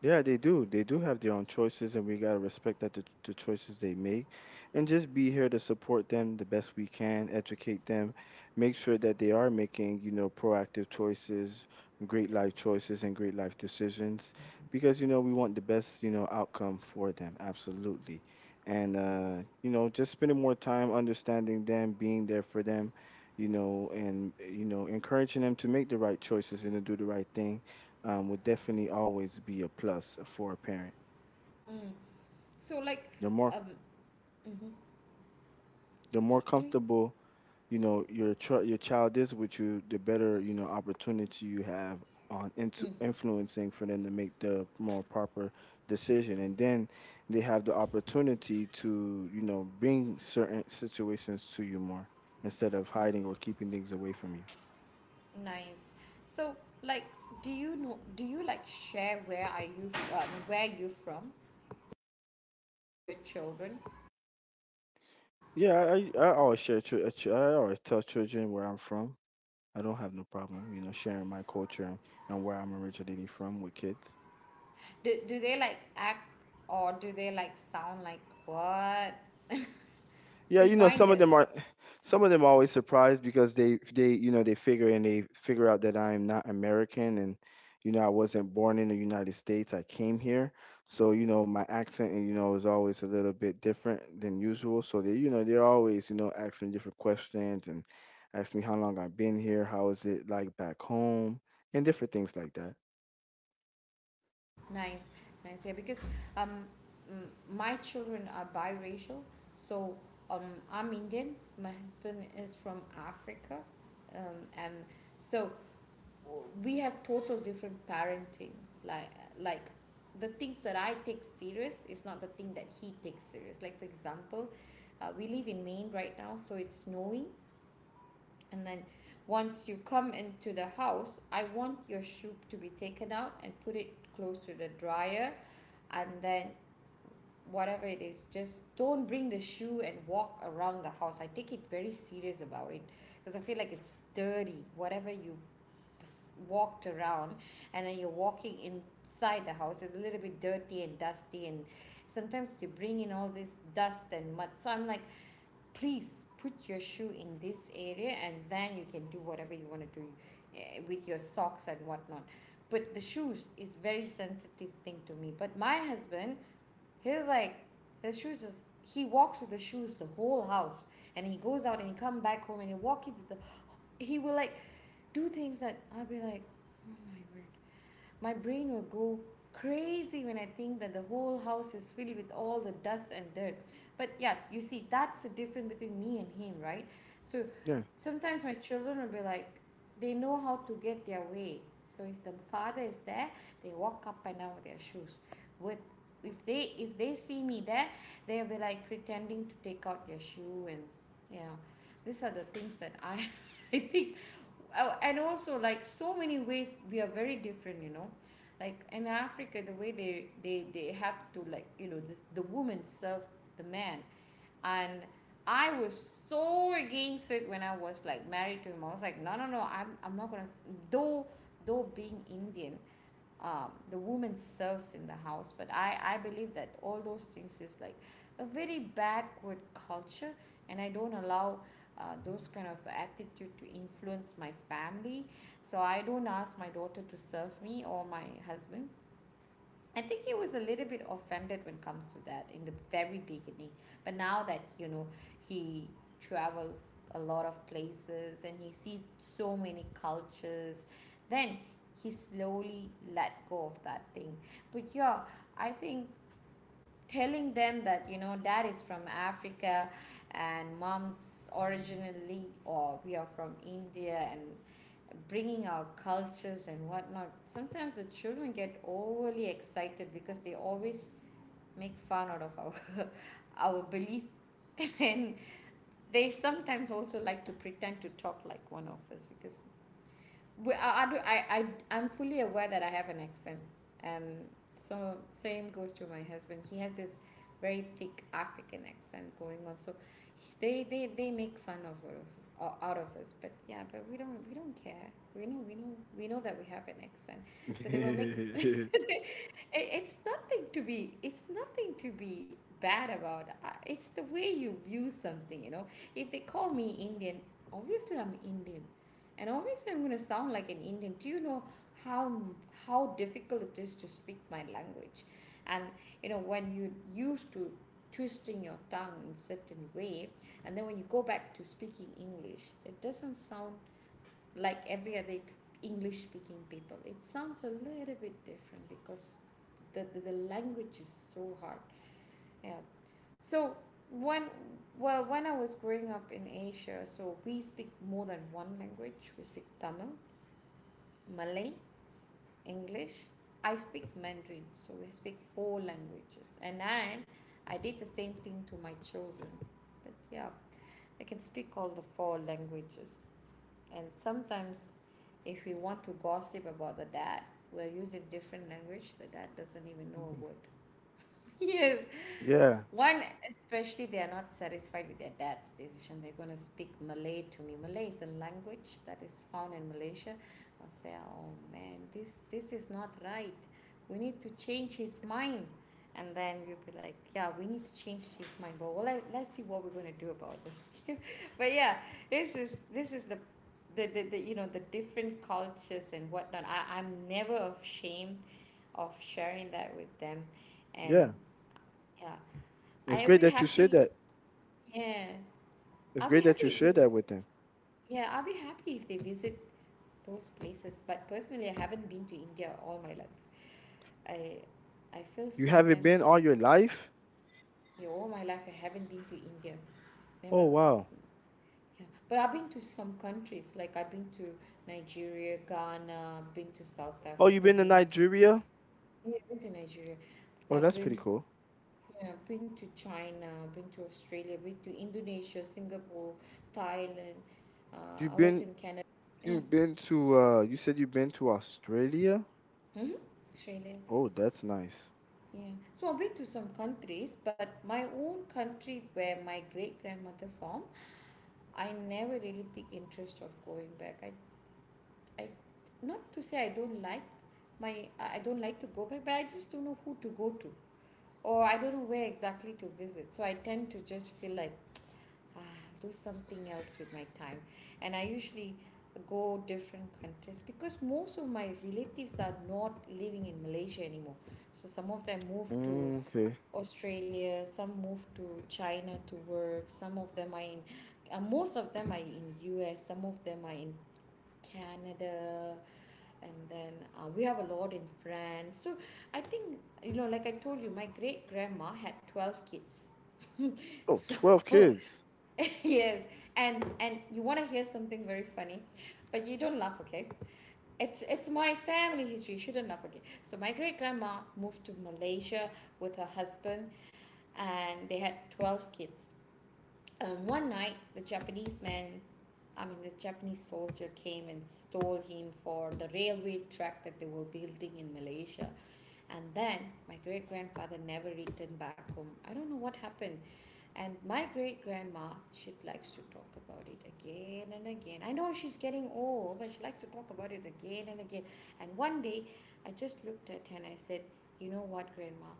B: Yeah, they do. They do have their own choices, and we gotta respect that the, the choices they make, and just be here to support them the best we can, educate them, make sure that they are making, you know, proactive choices, great life choices, and great life decisions, because you know we want the best, you know, outcome for them. Absolutely, and uh, you know, just spending more time understanding them, being there for them, you know, and you know, encouraging them to make the right choices and to do the right thing. Um, would definitely always be a plus for a parent.
A: Mm. Mm. So like,
B: The more
A: um, mhm.
B: the
A: do,
B: more
A: do
B: comfortable you know your tr- your child is with you, the better you know opportunity you have on into
A: Mm.
B: influencing for them to make the more proper decision, and then they have the opportunity to you know bring certain situations to you more instead of hiding or keeping things away from you.
A: Nice. So, like, do you know? Do you like share where are you, um, where you from, to your children?
B: Yeah, I I I always share. chil- I always tell children where I'm from. I don't have no problem, you know, sharing my culture and where I'm originally from with kids.
A: Do do they like act, or do they like sound like what?
B: Yeah,
A: Because
B: you know,
A: mine
B: some of
A: does.
B: them are, [SIGHS] some of them are always surprised because they, they, you know, they figure and they figure out that I am not American and, you know, I wasn't born in the United States. I came here, so you know, my accent, you know, is always a little bit different than usual. So they, you know, they're always, you know, asking different questions and ask me how long I've been here, how is it like back home, and different things like that.
A: Nice, nice. Yeah, because um, m- my children are biracial. So um, I'm Indian. My husband is from Africa, um, and so we have total different parenting. Like, like the things that I take serious is not the thing that he takes serious. Like, for example, uh, we live in Maine right now, so it's snowing. And then once you come into the house, I want your shoe to be taken out and put it close to the dryer. And then whatever it is, just don't bring the shoe and walk around the house. I take it very serious about it, because I feel like it's dirty. Whatever you walked around, and then you're walking inside the house, it's a little bit dirty and dusty, and sometimes you bring in all this dust and mud. So I'm like, please put your shoe in this area, and then you can do whatever you want to do, eh, with your socks and whatnot. But the shoes is very sensitive thing to me. But my husband, he's like, the shoes is, he walks with the shoes the whole house. And he goes out and he come back home and he walk it the, he will like do things that I'll be like, oh my word, my brain will go crazy when I think that the whole house is filled with all the dust and dirt. But yeah, you see, that's the difference between me and him, right? So sometimes my children will be like, they know how to get their way. So if the father is there, they walk up and down with their shoes with, if they if they see me there, they'll be like pretending to take out their shoe and, you know, these are the things that I [LAUGHS] I think. Oh, and also like so many ways we are very different, you know. Like in Africa, the way they, they they have to, like, you know, this, the woman serve the man. And I was so against it when I was like married to him. I was like, no, no, no, i'm, I'm not gonna. Though, though being Indian, um, the woman serves in the house, but i i believe that all those things is like a very backward culture. And I don't allow uh, those kind of attitude to influence my family. So I don't ask my daughter to serve me or my husband. I think he was a little bit offended when it comes to that in the very beginning. But now that, you know, he travel a lot of places and he see so many cultures, then he slowly let go of that thing. But yeah, I think telling them that, you know, dad is from Africa, and mom's originally, or we are from India, and bringing our cultures and whatnot, sometimes the children get overly excited because they always make fun out of our [LAUGHS] our belief [LAUGHS] and they sometimes also like to pretend to talk like one of us. Because we, I, I, do- I, I, I'm fully aware that I have an accent. And so, same goes to my husband. He has this very thick African accent going on. So, he- they, they, they make fun of all of o- out of us. But yeah, but we don't, we don't care. We know we know we know that we have an accent. So they will make [LAUGHS] it,
B: Yeah.
A: it's nothing to be, it's nothing to be bad about. Uh, it's the way you view something, you know. If they call me Indian, obviously I'm Indian. And obviously, I'm going to sound like an Indian. Do you know how, how difficult it is to speak my language? And you know, when you used to twisting your tongue in a certain way, and then when you go back to speaking English, it doesn't sound like every other English speaking people. It sounds a little bit different because the, the, the language is so hard. Yeah. So when, well when I was growing up in Asia, so we speak more than one language. We speak Tamil, Malay, English. I speak Mandarin, so we speak four languages. And then I did the same thing to my children. But yeah, they can speak all the four languages. And sometimes, if we want to gossip about the dad, we're using different language. The dad doesn't even know a word.
B: [LAUGHS]
A: [LAUGHS] Yes,
B: Yeah,
A: one, especially, they are not satisfied with their dad's decision. They're going to speak Malay to me. Malay is a language that is found in Malaysia. I'll say, oh man, this, this is not right. We need to change his mind. And then we'll be like, yeah, we need to change his mind. But well, let, let's see what we're going to do about this. [LAUGHS] But yeah, this is, this is the, the, the, the you know, the different cultures and whatnot. I, I'm never ashamed of sharing that with them. And
B: yeah.
A: yeah,
B: It's
A: I'll
B: great
A: be
B: that you shared
A: happy.
B: that.
A: Yeah,
B: It's
A: I'll be
B: great that
A: happy
B: you
A: if they
B: shared that
A: visit.
B: with them.
A: Yeah, I'll be happy if they visit those places. But personally, I haven't been to India all my life. I, I feel
B: You haven't been
A: sometimes,
B: all your life?
A: yeah, all my life I haven't been to India. Never.
B: Oh wow.
A: Yeah, but I've been to some countries. Like I've been to Nigeria, Ghana. Been to South
B: Oh, you've
A: Africa.
B: been to
A: Been to,
B: Nigeria?
A: yeah, been to Nigeria.
B: Oh,
A: I've
B: that's pretty
A: been,
B: cool.
A: yeah, been to China, been to Australia, been to Indonesia, Singapore, Thailand.
B: You've
A: Uh, I was
B: been
A: in Canada. Yeah,
B: you've been to uh you said you've been to Australia?
A: hmm, Australia.
B: Oh, that's nice.
A: Yeah, so I've been to some countries, but my own country where my great grandmother from, I never really pick interest of going back. I, I, not to say I don't like my, I I don't like to go back, but I just don't know who to go to, or I don't know where exactly to visit. So I tend to just feel like, ah, do something else with my time. And I usually go different countries because most of my relatives are not living in Malaysia anymore. So some of them moved to
B: Mm, okay.
A: Australia, some moved to China to work, some of them are in uh, most of them are in U S, some of them are in Canada, and then uh, we have a lot in France. So I think you know like I told you my great grandma had twelve kids.
B: Oh,
A: So
B: twelve
A: [LAUGHS]
B: kids.
A: [LAUGHS] yes. And and you want to hear something very funny, but you don't laugh, okay? It's it's my family history, you shouldn't laugh. Okay, so my great grandma moved to Malaysia with her husband, and they had twelve kids. Um, one night, the Japanese man, i mean the Japanese soldier, came and stole him for the railway track that they were building in Malaysia. And then my great grandfather never returned back home. I don't know what happened. And my great grandma, she likes to talk about it again and again. I know she's getting old, but she likes to talk about it again and again. And one day, I just looked at her and I said, "You know what, grandma?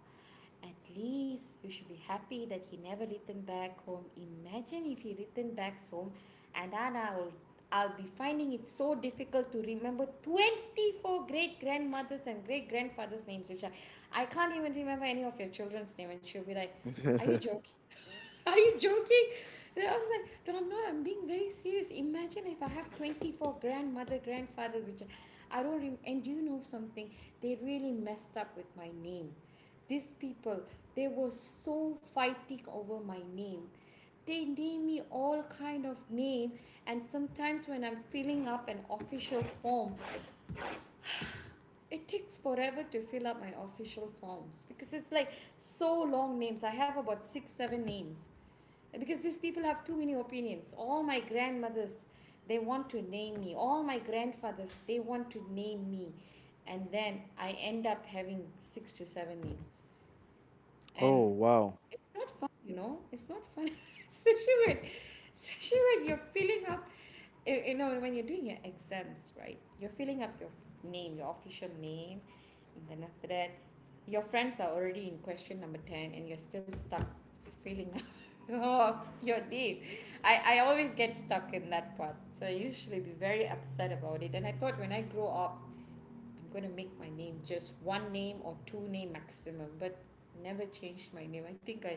A: At least you should be happy that he never returned back home. Imagine if he returned back home and Anna will. I'll be finding it so difficult to remember twenty-four great grandmothers and great grandfathers' names, which I, I can't even remember any of your children's names." And she'll be like, "Are you
B: [LAUGHS]
A: joking? Are you joking?" And I was like, "No, I'm not. I'm being very serious. Imagine if I have twenty-four grandmother, grandfathers, which I, don't. Rem- and do you know something? They really messed up with my name. These people, they were so fighting over my name. They name me all kind of name, and sometimes when I'm filling up an official form, it takes forever to fill up my official forms because it's like so long names. I have about six, seven names because these people have too many opinions. All my grandmothers, they want to name me, all my grandfathers, they want to name me, and then I end up having six to seven names. And
B: Oh, wow.
A: it's not fun, you know, it's not fun. [LAUGHS] Especially when, especially when you're filling up, you you know when you're doing your exams, right? You're filling up your f~ name, your official name, and then after that your friends are already in question number ten and you're still stuck filling up. [LAUGHS] Oh, your name. I I always get stuck in that part, so I usually be very upset about it. And I thought when I grow up I'm gonna make my name just one name or two name maximum, but never changed my name. I think I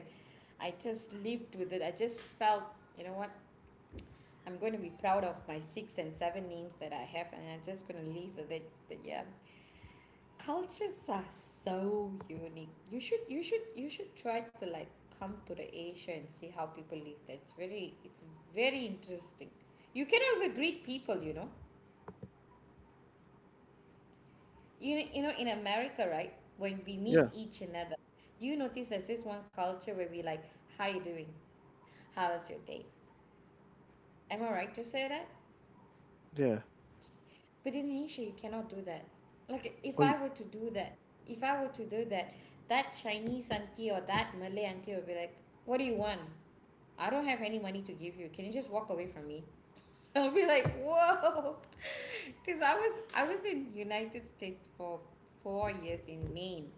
A: I just lived with it. I just felt, you know what, I'm going to be proud of my six and seven names that I have and I'm just going to leave with it. But yeah, cultures are so unique. You should you should you should try to like come to the Asia and see how people live. That's very, it's very interesting. You cannot even greet people, you know. You, you know in America, right, when we meet
B: Yeah,
A: each another, do you notice there's this one culture where we like, "How you doing? How's your day?" Am I right to say that?
B: yeah.
A: But in Asia you cannot do that. Like if
B: Oh, you,
A: I were to do that, if I were to do that, that Chinese auntie or that Malay auntie will be like, "What do you want? I don't have any money to give you. Can you just walk away from me?" [LAUGHS] I'll be like, whoa! [LAUGHS] Because I was I was in United States for four years in Maine.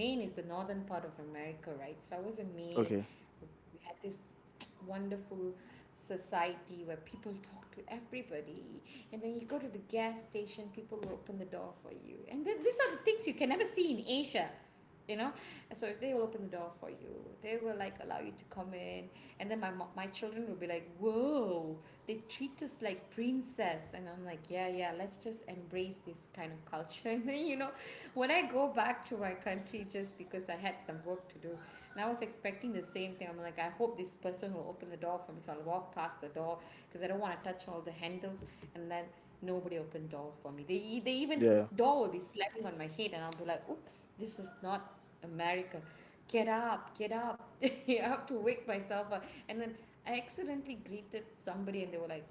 A: Maine is the northern part of America, right? So I was in Maine.
B: okay.
A: We had this [TSK] wonderful society where people talk to everybody, and then you go to the gas station, people will open the door for you, and then these are the things you can never see in Asia, you know. So if they will open the door for you, they will like allow you to come in, and then my my children will be like, whoa, they treat us like princess. And I'm like, yeah, yeah, let's just embrace this kind of culture. [LAUGHS] And then, you know, when I go back to my country just because I had some work to do, and I was expecting the same thing, I'm like, I hope this person will open the door for me so I'll walk past the door because I don't want to touch all the handles. And then nobody opened door for me. They, e- they, even this
B: Yeah.
A: door will be slapping on my head, and I'll be like, "Oops, this is not America. Get up, get up." [LAUGHS] I have to wake myself up. And then I accidentally greeted somebody and they were like,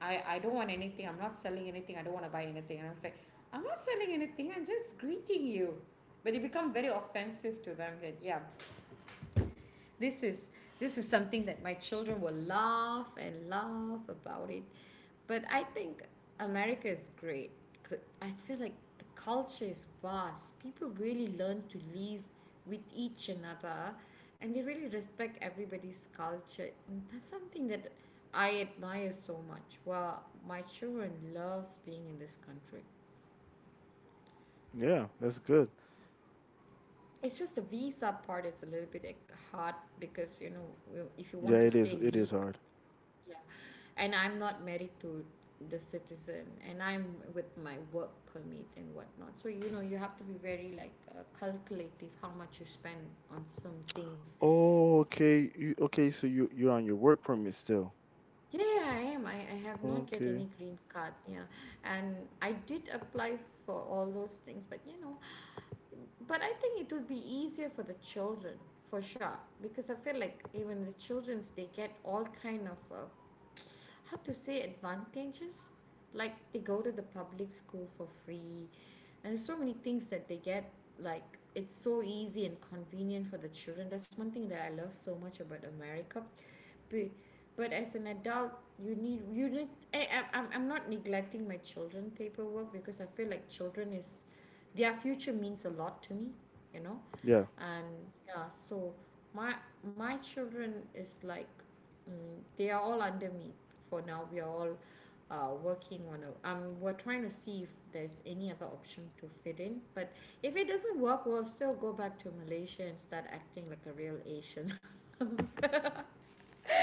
A: I, I don't want anything. I'm not selling anything. I don't want to buy anything." And I was like, "I'm not selling anything. I'm just greeting you." But it become very offensive to them. That yeah, this is, this is something that my children will laugh and laugh about it. But I think America is great. I feel like the culture is vast. People really learn to live with each another, and they really respect everybody's culture. And that's something that I admire so much. Well, my children loves being in this country.
B: Yeah, that's good.
A: It's just the visa part is a little bit like hard, because you know, if you want
B: Yeah,
A: to
B: it is
A: stay
B: it
A: legal,
B: is hard.
A: yeah. And I'm not married to the citizen, and I'm with my work permit and whatnot. So, you know, you have to be very like uh, calculative how much you spend on some things.
B: Oh, okay. You okay, so you you're on your work permit still.
A: Yeah, yeah, I am. I, I have not get
B: Okay.
A: any green card. Yeah. And I did apply for all those things, but you know, but I think it would be easier for the children for sure, because I feel like even the children's, they get all kind of uh, how to say advantages. Like they go to the public school for free, and there's so many things that they get, like it's so easy and convenient for the children. That's one thing that I love so much about America. but, but as an adult, you need you need I, I'm- I'm, I'm not neglecting my children paperwork, because I feel like children is, their future means a lot to me, you know.
B: Yeah.
A: And yeah, so my my children is like, mm, they are all under me. For now we are all, uh, working on a um, we're trying to see if there's any other option to fit in. But if it doesn't work, we'll still go back to Malaysia and start acting like a real Asian. [LAUGHS]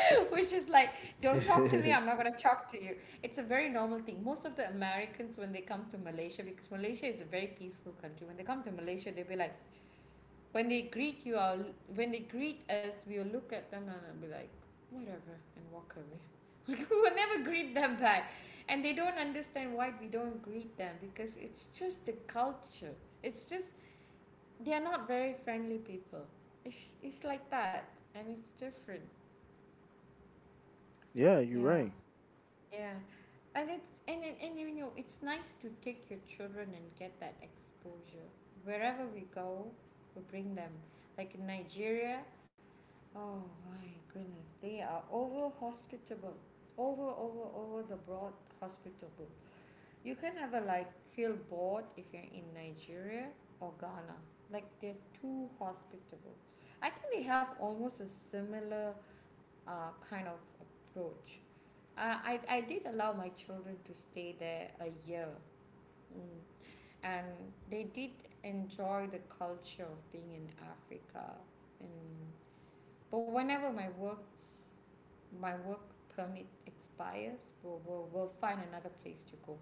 A: [LAUGHS] Which is like, don't talk to me, I'm
B: [LAUGHS]
A: not going to talk to you. It's a very normal thing. Most of the Americans, when they come to Malaysia, because Malaysia is a very peaceful country, when they come to Malaysia, they'll be like, when they greet you, I'll, when they greet us, we'll look at them and I'll be like, whatever, and walk away. [LAUGHS] We'll never greet them back, and they don't understand why we don't greet them, because it's just the culture. It's just, they are not very friendly people. It's it's like that, and it's different.
B: Yeah, you're
A: Yeah,
B: right.
A: yeah. And it's, and and, and you know it's nice to take your children and get that exposure. Wherever we go, we bring them, like in Nigeria, oh my goodness, they are over hospitable. Over, over, over the broad hospitable. You can never like feel bored if you're in Nigeria or Ghana. Like they're too hospitable. I think they have almost a similar uh, kind of approach. Uh, I, I did allow my children to stay there a year. Mm. And they did enjoy the culture of being in Africa. And but whenever my works, my work permit expires, we'll, we'll, we'll find another place to go.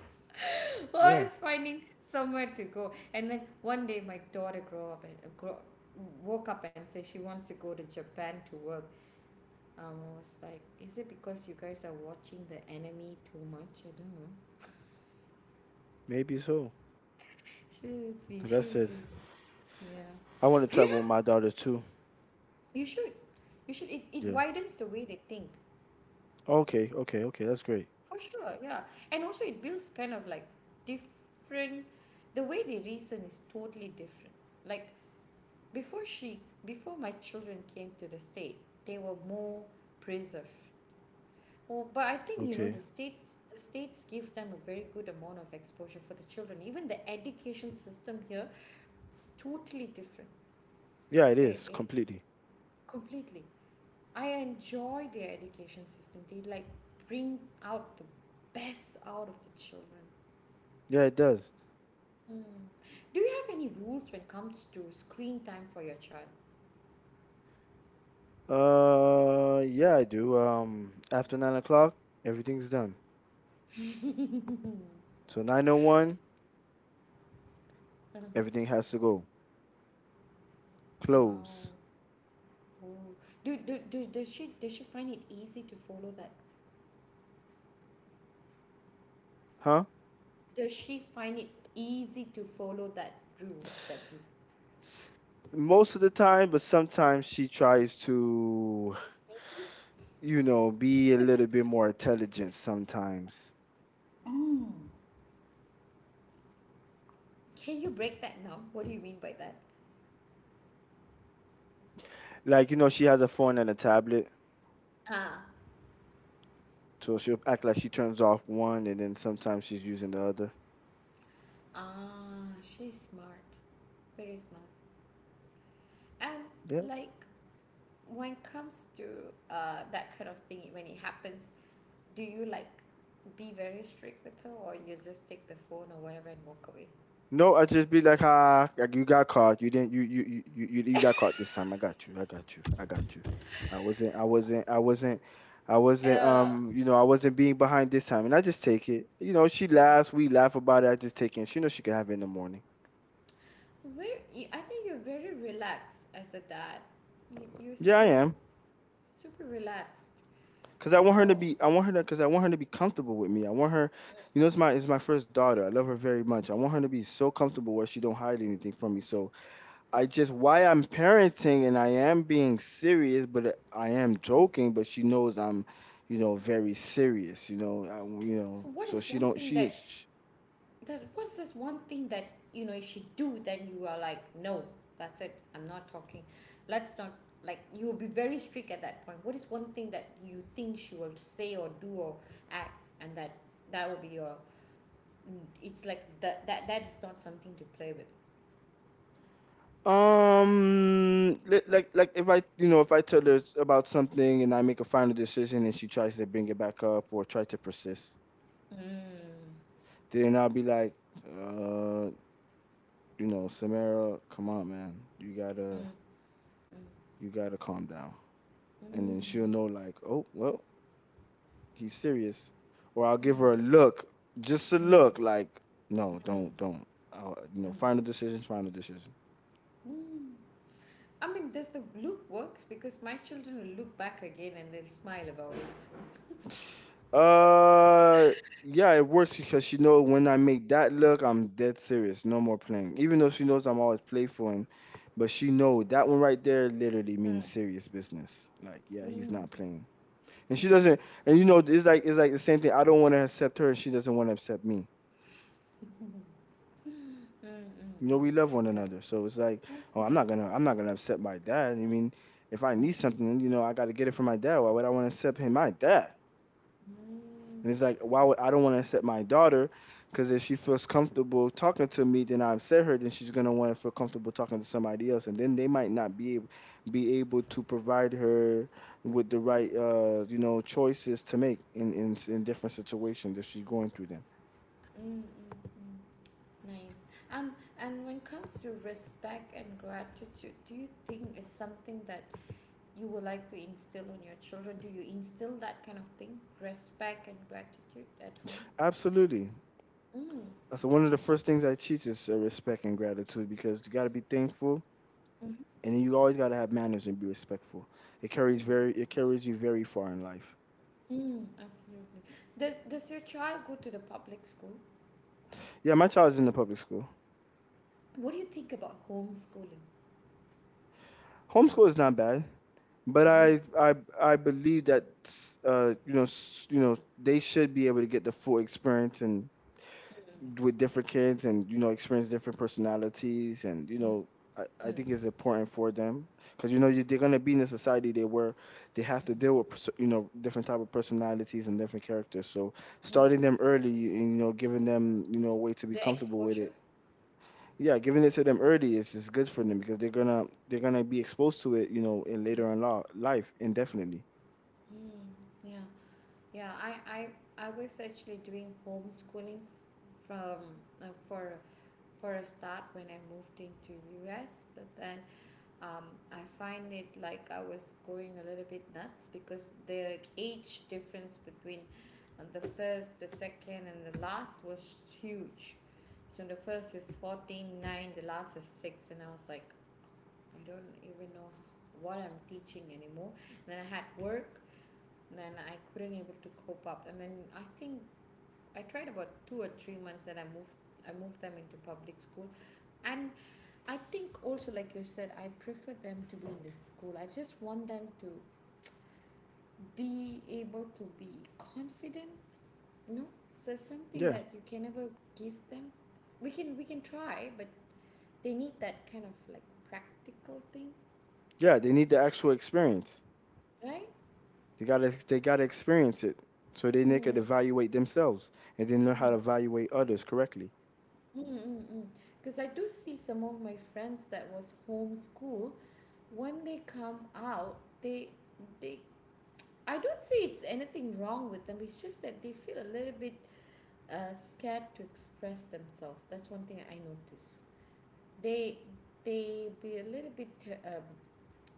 A: [LAUGHS]
B: Yeah,
A: Always finding somewhere to go. And then one day my daughter grow up and uh, grow, woke up and said she wants to go to Japan to work. Um, I was like, is it because you guys are watching the anime too much? I don't know.
B: maybe so.
A: Should be,
B: Like I
A: should
B: said,
A: be. Yeah.
B: I want to
A: Do you
B: travel with
A: have,
B: my daughter too.
A: you should, you should, it, it
B: Yeah.
A: widens the way they think.
B: Okay, okay, okay. That's great.
A: For sure, yeah. And also it builds kind of like different, the way they reason is totally different. Like before she before my children came to the state, they were more preserved. Oh, but I think, you know,
B: Okay.
A: the states the states gives them a very good amount of exposure for the children. Even the education system here, it's totally different.
B: Yeah, it
A: Eh,
B: is
A: eh,
B: completely.
A: completely. I enjoy their education system. They like bring out the best out of the children.
B: Yeah, it does.
A: Mm. Do you have any rules when it comes to screen time for your child?
B: Uh, yeah, I do. Um, after nine o'clock, everything's done. So nine oh one,
A: Mhm.
B: everything has to go.
A: Wow.
B: Close.
A: Oh. Do, do, do, does she does she find it easy to follow that?
B: Huh?
A: Does she find it easy to follow that rules that you
B: S- Most of the time, but sometimes she tries to,
A: be sneaky?
B: you know, be a little bit more intelligent sometimes.
A: Can you break that now? What do you mean by that?
B: Like, you know, she has a phone and a tablet,
A: Ah,
B: so she'll act like she turns off one and then sometimes she's using the other.
A: ah, she's smart, very smart. And
B: Yeah.
A: like when it comes to uh that kind of thing, when it happens, do you like be very strict with her or you just take the phone or whatever and walk away.
B: No, I just be like, ah, like you got caught. You didn't. You you you you you you got caught this time. I got you. I got you. I got you. I wasn't. I wasn't. I wasn't. I wasn't.
A: uh
B: Um, you know, I wasn't being behind this time, and I just take it. You know, she laughs. We laugh about it. I just take it. She knows she can have it in the morning.
A: where you, I think you're very relaxed as a dad, you, you're
B: Yeah, I
A: so
B: am.
A: super relaxed.
B: Cause I want her to
A: Oh,
B: be, I want her to, cause I want her to be comfortable with me. I want her, you know, it's my, it's my first daughter. I love her very much. I want her to be so comfortable where she don't hide anything from me. So I just, why I'm parenting and I am being serious, but uh, I am joking. But she knows I'm, you know, very serious. You know, I, you
A: so
B: know,
A: what
B: so
A: is
B: she
A: one
B: don't,
A: thing
B: she,
A: that
B: sh
A: that what's this one thing that you know you should do then you are like, no, that's it, I'm not talking, let's not, like you will be very strict at that point. What is one thing that you think she will say or do or act and that that will be your mm. It's like that that that is not something to play with.
B: um, li- like, like if I, you know, if I tell her about something and I make a final decision and she tries to bring it back up or try to persist,
A: Mm.
B: then I'll be like. Uh, you know, Samara, come on, man. You gotta
A: Mm.
B: you gotta calm down. And then
A: Mm.
B: she'll know like, oh well, he's serious. Or I'll give her a
A: Mm.
B: look, just a look,
A: Mm.
B: like, no,
A: Mm.
B: don't, don't. I'll, you know,
A: Mm.
B: final decision, final decision.
A: Mm. I mean, does the loop works? Because my children will look back again and they'll smile about it.
B: Uh yeah, it works because she know when I make that look, I'm dead serious. No more playing. Even though she knows I'm always playful and but she know that one right there literally
A: Mm.
B: means serious business. Like, yeah, he's
A: Mm.
B: not playing. And she doesn't,
A: Nice.
B: and you know, it's like it's like the same thing. I don't want to accept her, and she doesn't want to accept me.
A: Mm, mm,
B: You know, we love one
A: mm. Got it.
B: another, so it's like,
A: That's
B: oh, I'm not
A: nice.
B: gonna, I'm not gonna upset my dad. I mean, if I need something, you know, I got to get it from my dad. Why would I want to accept him, my dad?
A: Mm.
B: And it's like, why would I don't want to accept my daughter? Because if she feels comfortable talking to me, then I upset her. Then she's gonna want to feel comfortable talking to somebody else, and then they might not be able, be able to provide her with the right, uh, you know, choices to make in in, in different situations if she's going through them.
A: Mm, mm, mm. Nice. And and when it comes to respect and gratitude, do you think is something that you would like to instill on your children? Do you instill that kind of thing, respect and gratitude at home?
B: Absolutely.
A: Mm.
B: That's one of the first things I teach is uh, respect and gratitude because you got to be thankful
A: Mm-hmm.
B: and then you always got to have manners and be respectful. It carries
A: Mm.
B: very it carries you very far in life.
A: Mm. Absolutely. Does Does your child go to the public school?
B: Yeah, my child is in the public school.
A: What do you think about homeschooling?
B: Homeschool is not bad, but
A: Mm-hmm.
B: I I I believe that uh you know s- you know they should be able to get the full experience and with different kids and, you know, experience different personalities and you
A: Mm.
B: know
A: Mm.
B: I, I
A: Mm.
B: think it's important for them because you know you, they're gonna be in a society they where they have to
A: Mm.
B: deal with perso- you know different type of personalities and different characters. So
A: Mm.
B: starting them early and, you know, giving them, you know, a way to be
A: The
B: comfortable with it.
A: exposure?
B: Yeah, giving it to them early is, is good for them because they're gonna they're gonna be exposed to it, you know, in
A: Mm.
B: later in law, life indefinitely.
A: Mm. Yeah. Yeah. I, I I was actually doing homeschooling f- from uh, for for a start when I moved into U S, but then um, I find it like I was going a little bit nuts because the age difference between uh, the first, the second, and the last was huge. So the first is fourteen nine, the last is six, and I was like, I don't even know what I'm teaching anymore. And then I had work, and then I couldn't able to cope up. And then I think I tried about two or three months that I moved I moved them into public school. And I think also, like you said, I prefer them to be in the school. I just want them to be able to be confident. You know, so it's something
B: Yeah,
A: that you can never give them. We can we can try, but they need that kind of like practical thing,
B: yeah, they need the actual experience.
A: right?
B: They gotta they gotta experience it so then they
A: Mm.
B: could evaluate themselves and then learn how
A: Mm,
B: to evaluate others correctly.
A: mm, mm, because I do see some of my friends that was homeschool. When they come out, they they I don't say it's anything wrong with them. It's just that they feel a little bit uh, scared to express themselves. That's one thing I notice. They they be a little bit uh,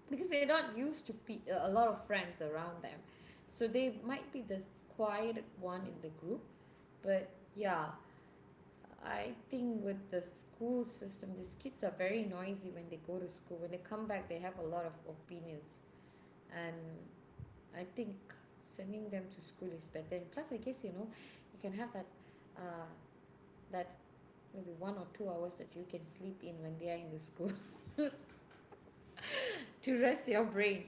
A: because they're not used to pe- uh, a lot of friends around them, so they might be the quiet one in the group. But yeah, I think with the school system, these kids are very noisy when they go to school. When they come back, they have a lot of opinions, and I think sending them to school is better. And plus, I guess you know, you can have that. Uh, that maybe one or two hours that you can sleep in when they are in the school [LAUGHS] to rest your brain.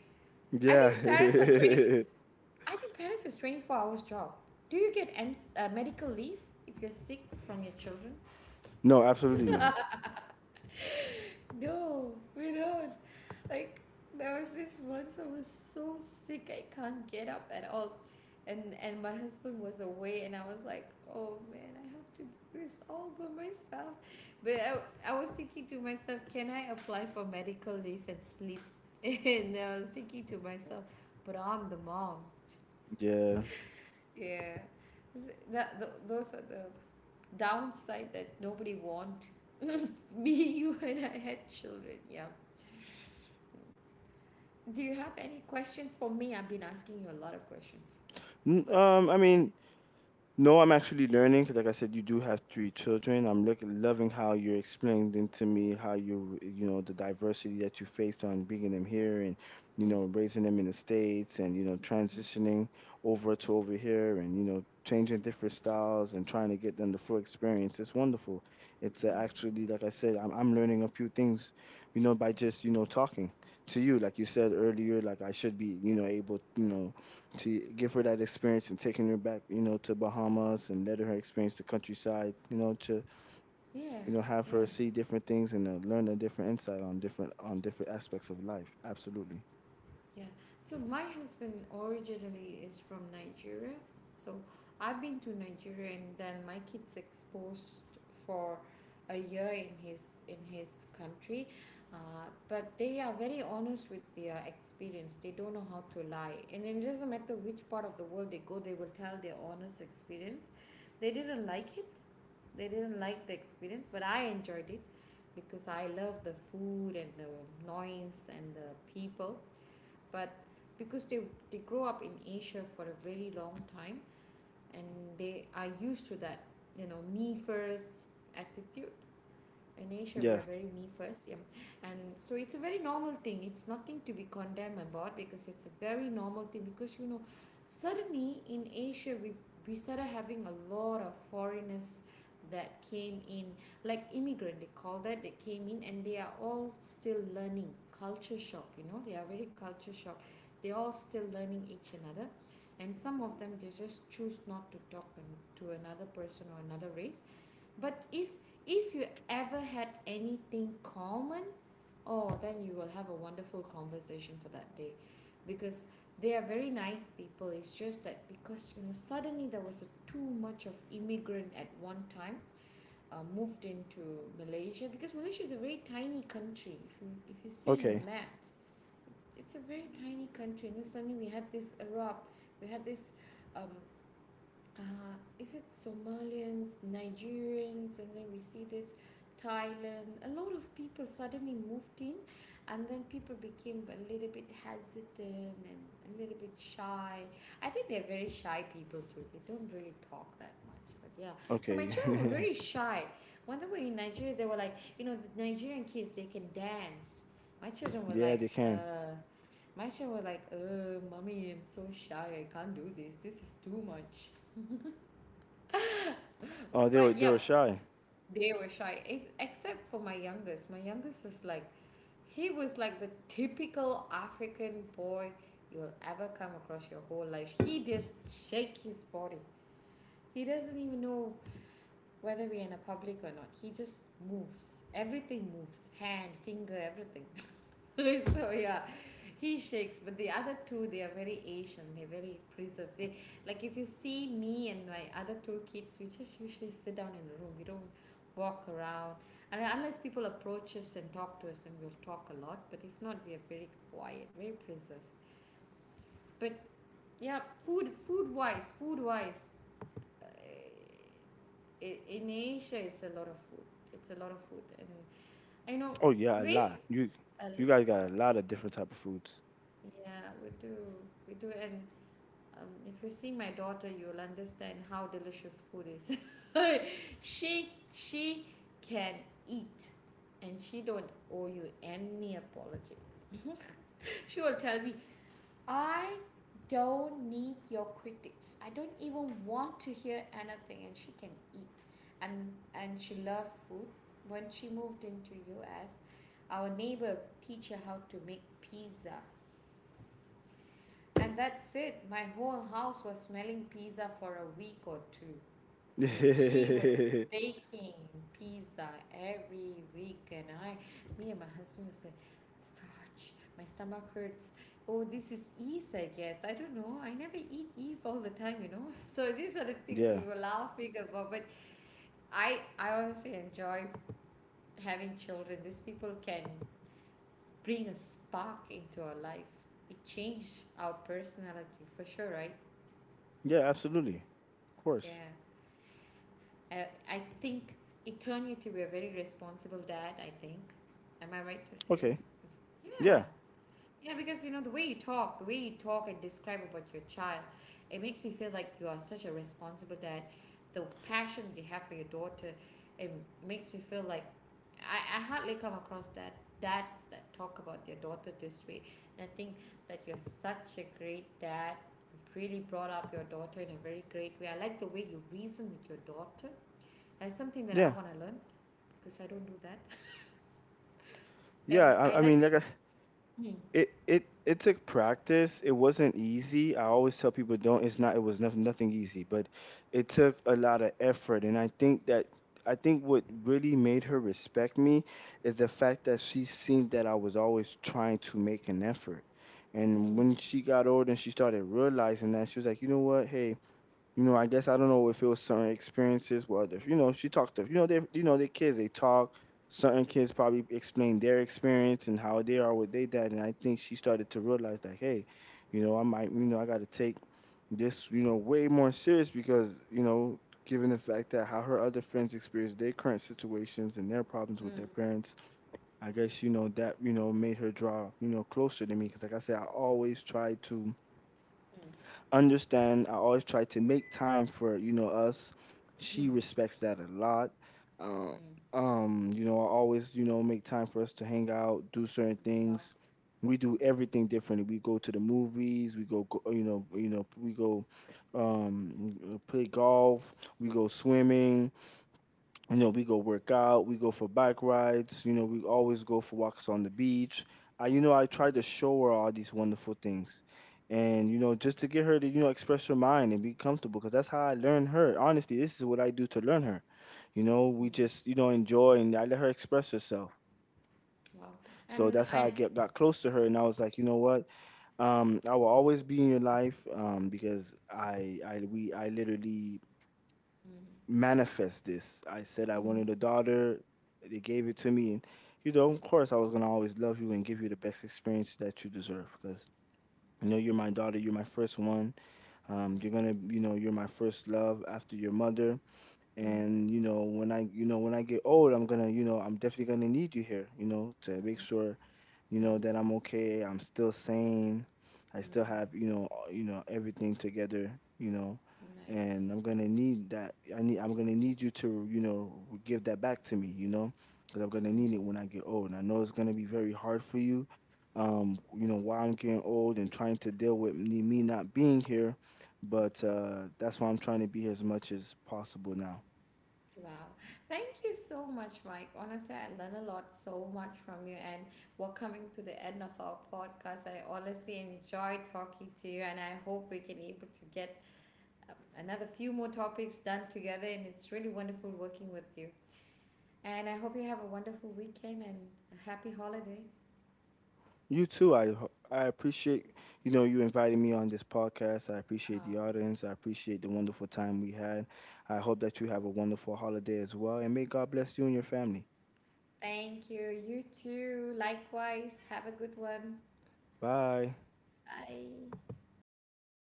A: I
B: Yeah.
A: think parents are 20
B: [LAUGHS]
A: I think parents is twenty-four hours job. Do you get M- uh, medical leave if you're sick from your children?
B: No, absolutely not.
A: No, we don't. Like, there was this once I was so sick I can't get up at all, and and my husband was away, and I was like, oh man, I have to do this all by myself. But I, I was thinking to myself, can I apply for medical leave and sleep? [LAUGHS] And I was thinking to myself, but I'm the mom.
B: Yeah.
A: Yeah. Is that th- those are the downside that nobody want. [LAUGHS] Me, you and I had children, yeah. Do you have any questions for me? I've been asking you a lot of questions.
B: N- Um, I mean, no, I'm actually learning because, like I said, you do have three children. I'm look, loving how you're explaining to me how you, you know, the diversity that you faced on bringing them here and, you know, raising them in the States and, you know, transitioning over to over here and, you know, changing different styles and trying to get them the full experience. It's wonderful. It's uh,
A: Mm.
B: actually, like I said, I'm, I'm learning a few things, you know, by just, you know, talking to you. Like you said earlier, like I should be, you know, able, you know, to give her that experience and taking her back, you know, to Bahamas and letting her experience the countryside, you know, to
A: Yeah,
B: you know have her
A: yeah,
B: see different things and uh, learn a different insight on different on different aspects of life. Absolutely.
A: yeah. So my husband originally is from Nigeria. So I've been to Nigeria, and then my kids exposed for a year in his in his country. Uh, but they are very honest with their experience. They don't know how to lie. And it doesn't matter which part of the world they go, they will tell their honest experience. They didn't like it they didn't like the experience, but I enjoyed it because I love the food and the noise and the people. But because they they grow up in Asia for a very long time, and they are used to that, you know, me first attitude. In Asia we
B: Yeah.
A: are very me first, yeah. And so it's a very normal thing. It's nothing to be condemned about because it's a very normal thing. Because you know, suddenly in Asia we we started having a lot of foreigners that came in like immigrant, they call that. They came in and they are all still learning. Culture shock, you know, they are very culture shock. They're all still learning each another, and some of them they just choose not to talk to another person or another race. But if if you ever had anything common, oh, then you will have a wonderful conversation for that day, because they are very nice people. It's just that because you know suddenly there was a too much of immigrant at one time. uh, moved into Malaysia, because Malaysia is a very tiny country. If you if you see in the
B: Okay.
A: map, it's a very tiny country. And then suddenly we had this Arab, we had this um, uh, is it Somalians, Nigerians, and then we see this Thailand. A lot of people suddenly moved in, and then people became a little bit hesitant and a little bit shy. I think they're very shy people too. They don't really talk that much, but yeah. So my
B: Okay.
A: children were very
B: [LAUGHS]
A: shy. When they were in Nigeria, they were like, you know, the Nigerian kids they can dance. My children were
B: Yeah,
A: like,
B: they can.
A: uh. My children were like, uh, mommy, I'm so shy. I can't do this. This is too much.
B: Oh, they were
A: But
B: they
A: yep,
B: were shy.
A: they were shy, Ex- except for my youngest. My youngest is like, he was like the typical African boy you'll ever come across your whole life. He just shake his body. He doesn't even know whether we're in a public or not. He just moves. Everything moves. Hand, finger, everything. [LAUGHS] So yeah, he shakes, but the other two they are very Asian, they're very preserved. They, like, if you see me and my other two kids, we just usually sit down in the room, we don't walk around. And then unless people approach us and talk to us, and we'll talk a lot, but if not, we are very quiet, very preserved. But yeah, food food wise food wise, uh, i- in Asia it's a lot of food. It's a lot of food, and I know
B: Oh yeah, a
A: race
B: lot. You
A: a
B: you
A: l-
B: guys got a
A: uh,
B: lot of different type of foods.
A: yeah, we do. We do. And um, if you see my daughter, you'll understand how delicious food is. [LAUGHS] she she can, and she don't owe you any apology. She will tell me, I don't need your critics. I don't even want to hear anything, and she can eat. And and she loved food. When she moved into U S, our neighbor teach her how to make pizza. And that's it. My whole house was smelling pizza for a week or two, because
B: [LAUGHS]
A: she was baking pizza every week. And I me and my husband was like, my stomach hurt. Oh, this is yeast, I guess. I don't know, I never eat yeast all the time, you know. [LAUGHS] So these are the things
B: Yeah.
A: we were laughing about. But I I honestly enjoy having children. These people can bring a spark into our life. It changed our personality for sure, right?
B: Yeah. Absolutely. Of course.
A: Yeah. I, I think it turned you to be a very responsible dad, I think. Am I right to say?
B: Okay.
A: Yeah.
B: Yeah.
A: Yeah, because you know, the way you talk, the way you talk and describe about your child, it makes me feel like you are such a responsible dad. The passion you have for your daughter, it makes me feel like I, I hardly come across that dads that talk about their daughter this way. And I think that you're such a great dad. You really brought up your daughter in a very great way. I like the way you reason with your daughter. That's something that I
B: Yeah.
A: want to learn, because I don't do that. And
B: Yeah.
A: I
B: I, I
A: like.
B: mean, like I
A: Mm,
B: It it it took practice. It wasn't easy. I always tell people don't it's not it was nothing nothing easy, but it took a lot of effort and I think that I think what really made her respect me is the fact that she seen that I was always trying to make an effort. And
A: mm,
B: when she got older and she started realizing that, she was like, "You know what? Hey, you know, I guess I don't know if it was certain experiences. Well, if you know, she talked to you know they you know their kids they talk. Certain kids probably explain their experience and how they are with their dad, and I think she started to realize like, hey, you know, I might, you know, I got to take this, you know, way more serious because, you know, given the fact that how her other friends experience their current situations and their problems
A: mm,
B: with
A: mm,
B: their parents, I guess you know that you know made her draw you know closer to me because like I said, I always try to understand I always try to make time for, you know, us.
A: mm,
B: She respects that a lot. Um,
A: mm.
B: um, you know, I always, you know, make time for us to hang out, do certain
A: Wow.
B: things. We do
A: Mm,
B: everything differently. We go to the movies, we go, go, you know, you know, we go um play golf, we go swimming, you know, we go work out, we go for bike rides, you know, we always go for walks on the beach. I, you know, I
A: mm,
B: try to show her all these wonderful things. And, you know, just to get her to, you know, express her mind and be comfortable, because that's how I learn her. Honestly, this is what I do to learn her. You know, we
A: mm.
B: just, you know, enjoy and I let her express herself.
A: Wow.
B: So
A: And
B: that's how
A: I.
B: I get, got close to her. And I was like, you know what? Um, I will always be in your life um, because I, I, we, I literally
A: Mm, mm,
B: manifest this. I said I
A: mm,
B: wanted a daughter. They gave it to me, and you know, of course, I was gonna always love you and give you the best experience that you deserve because you know you're my daughter. You're my first one. Um,
A: mm,
B: you're gonna, you know, you're my first love after your mother.
A: mm, mm.
B: And you know, when I, you know, when I get old, I'm gonna, you know, I'm definitely gonna need you here. You know, to make sure you know that I'm okay. I'm still sane. I still have you know all- you know everything together. You know, and
A: Nice.
B: I'm gonna need that. I need. I'm gonna need you to you know give that back to me. You know, because I'm gonna
A: Mm.
B: need it when I get old. And I know it's gonna be very hard for you. Um, you know, while I'm getting old and trying to deal with me me not being here, but uh, that's why I'm trying to be here as much as possible now.
A: Wow. Thank you so much, Mike. Honestly, I learned a lot so much from you, and we're coming to the end of our podcast. I honestly enjoy talking to you, and I hope we can able to get um, another few more topics done together. And it's really wonderful working with you. And I hope you have a wonderful weekend and a happy holiday.
B: You too. I ho- I appreciate you know you inviting me on this podcast. I appreciate
A: Oh,
B: the audience. I appreciate the wonderful time we had. I hope that you have a wonderful holiday as well, and may God bless you and your family.
A: thank you. You too. Likewise. Have a good one.
B: Bye.
A: Bye.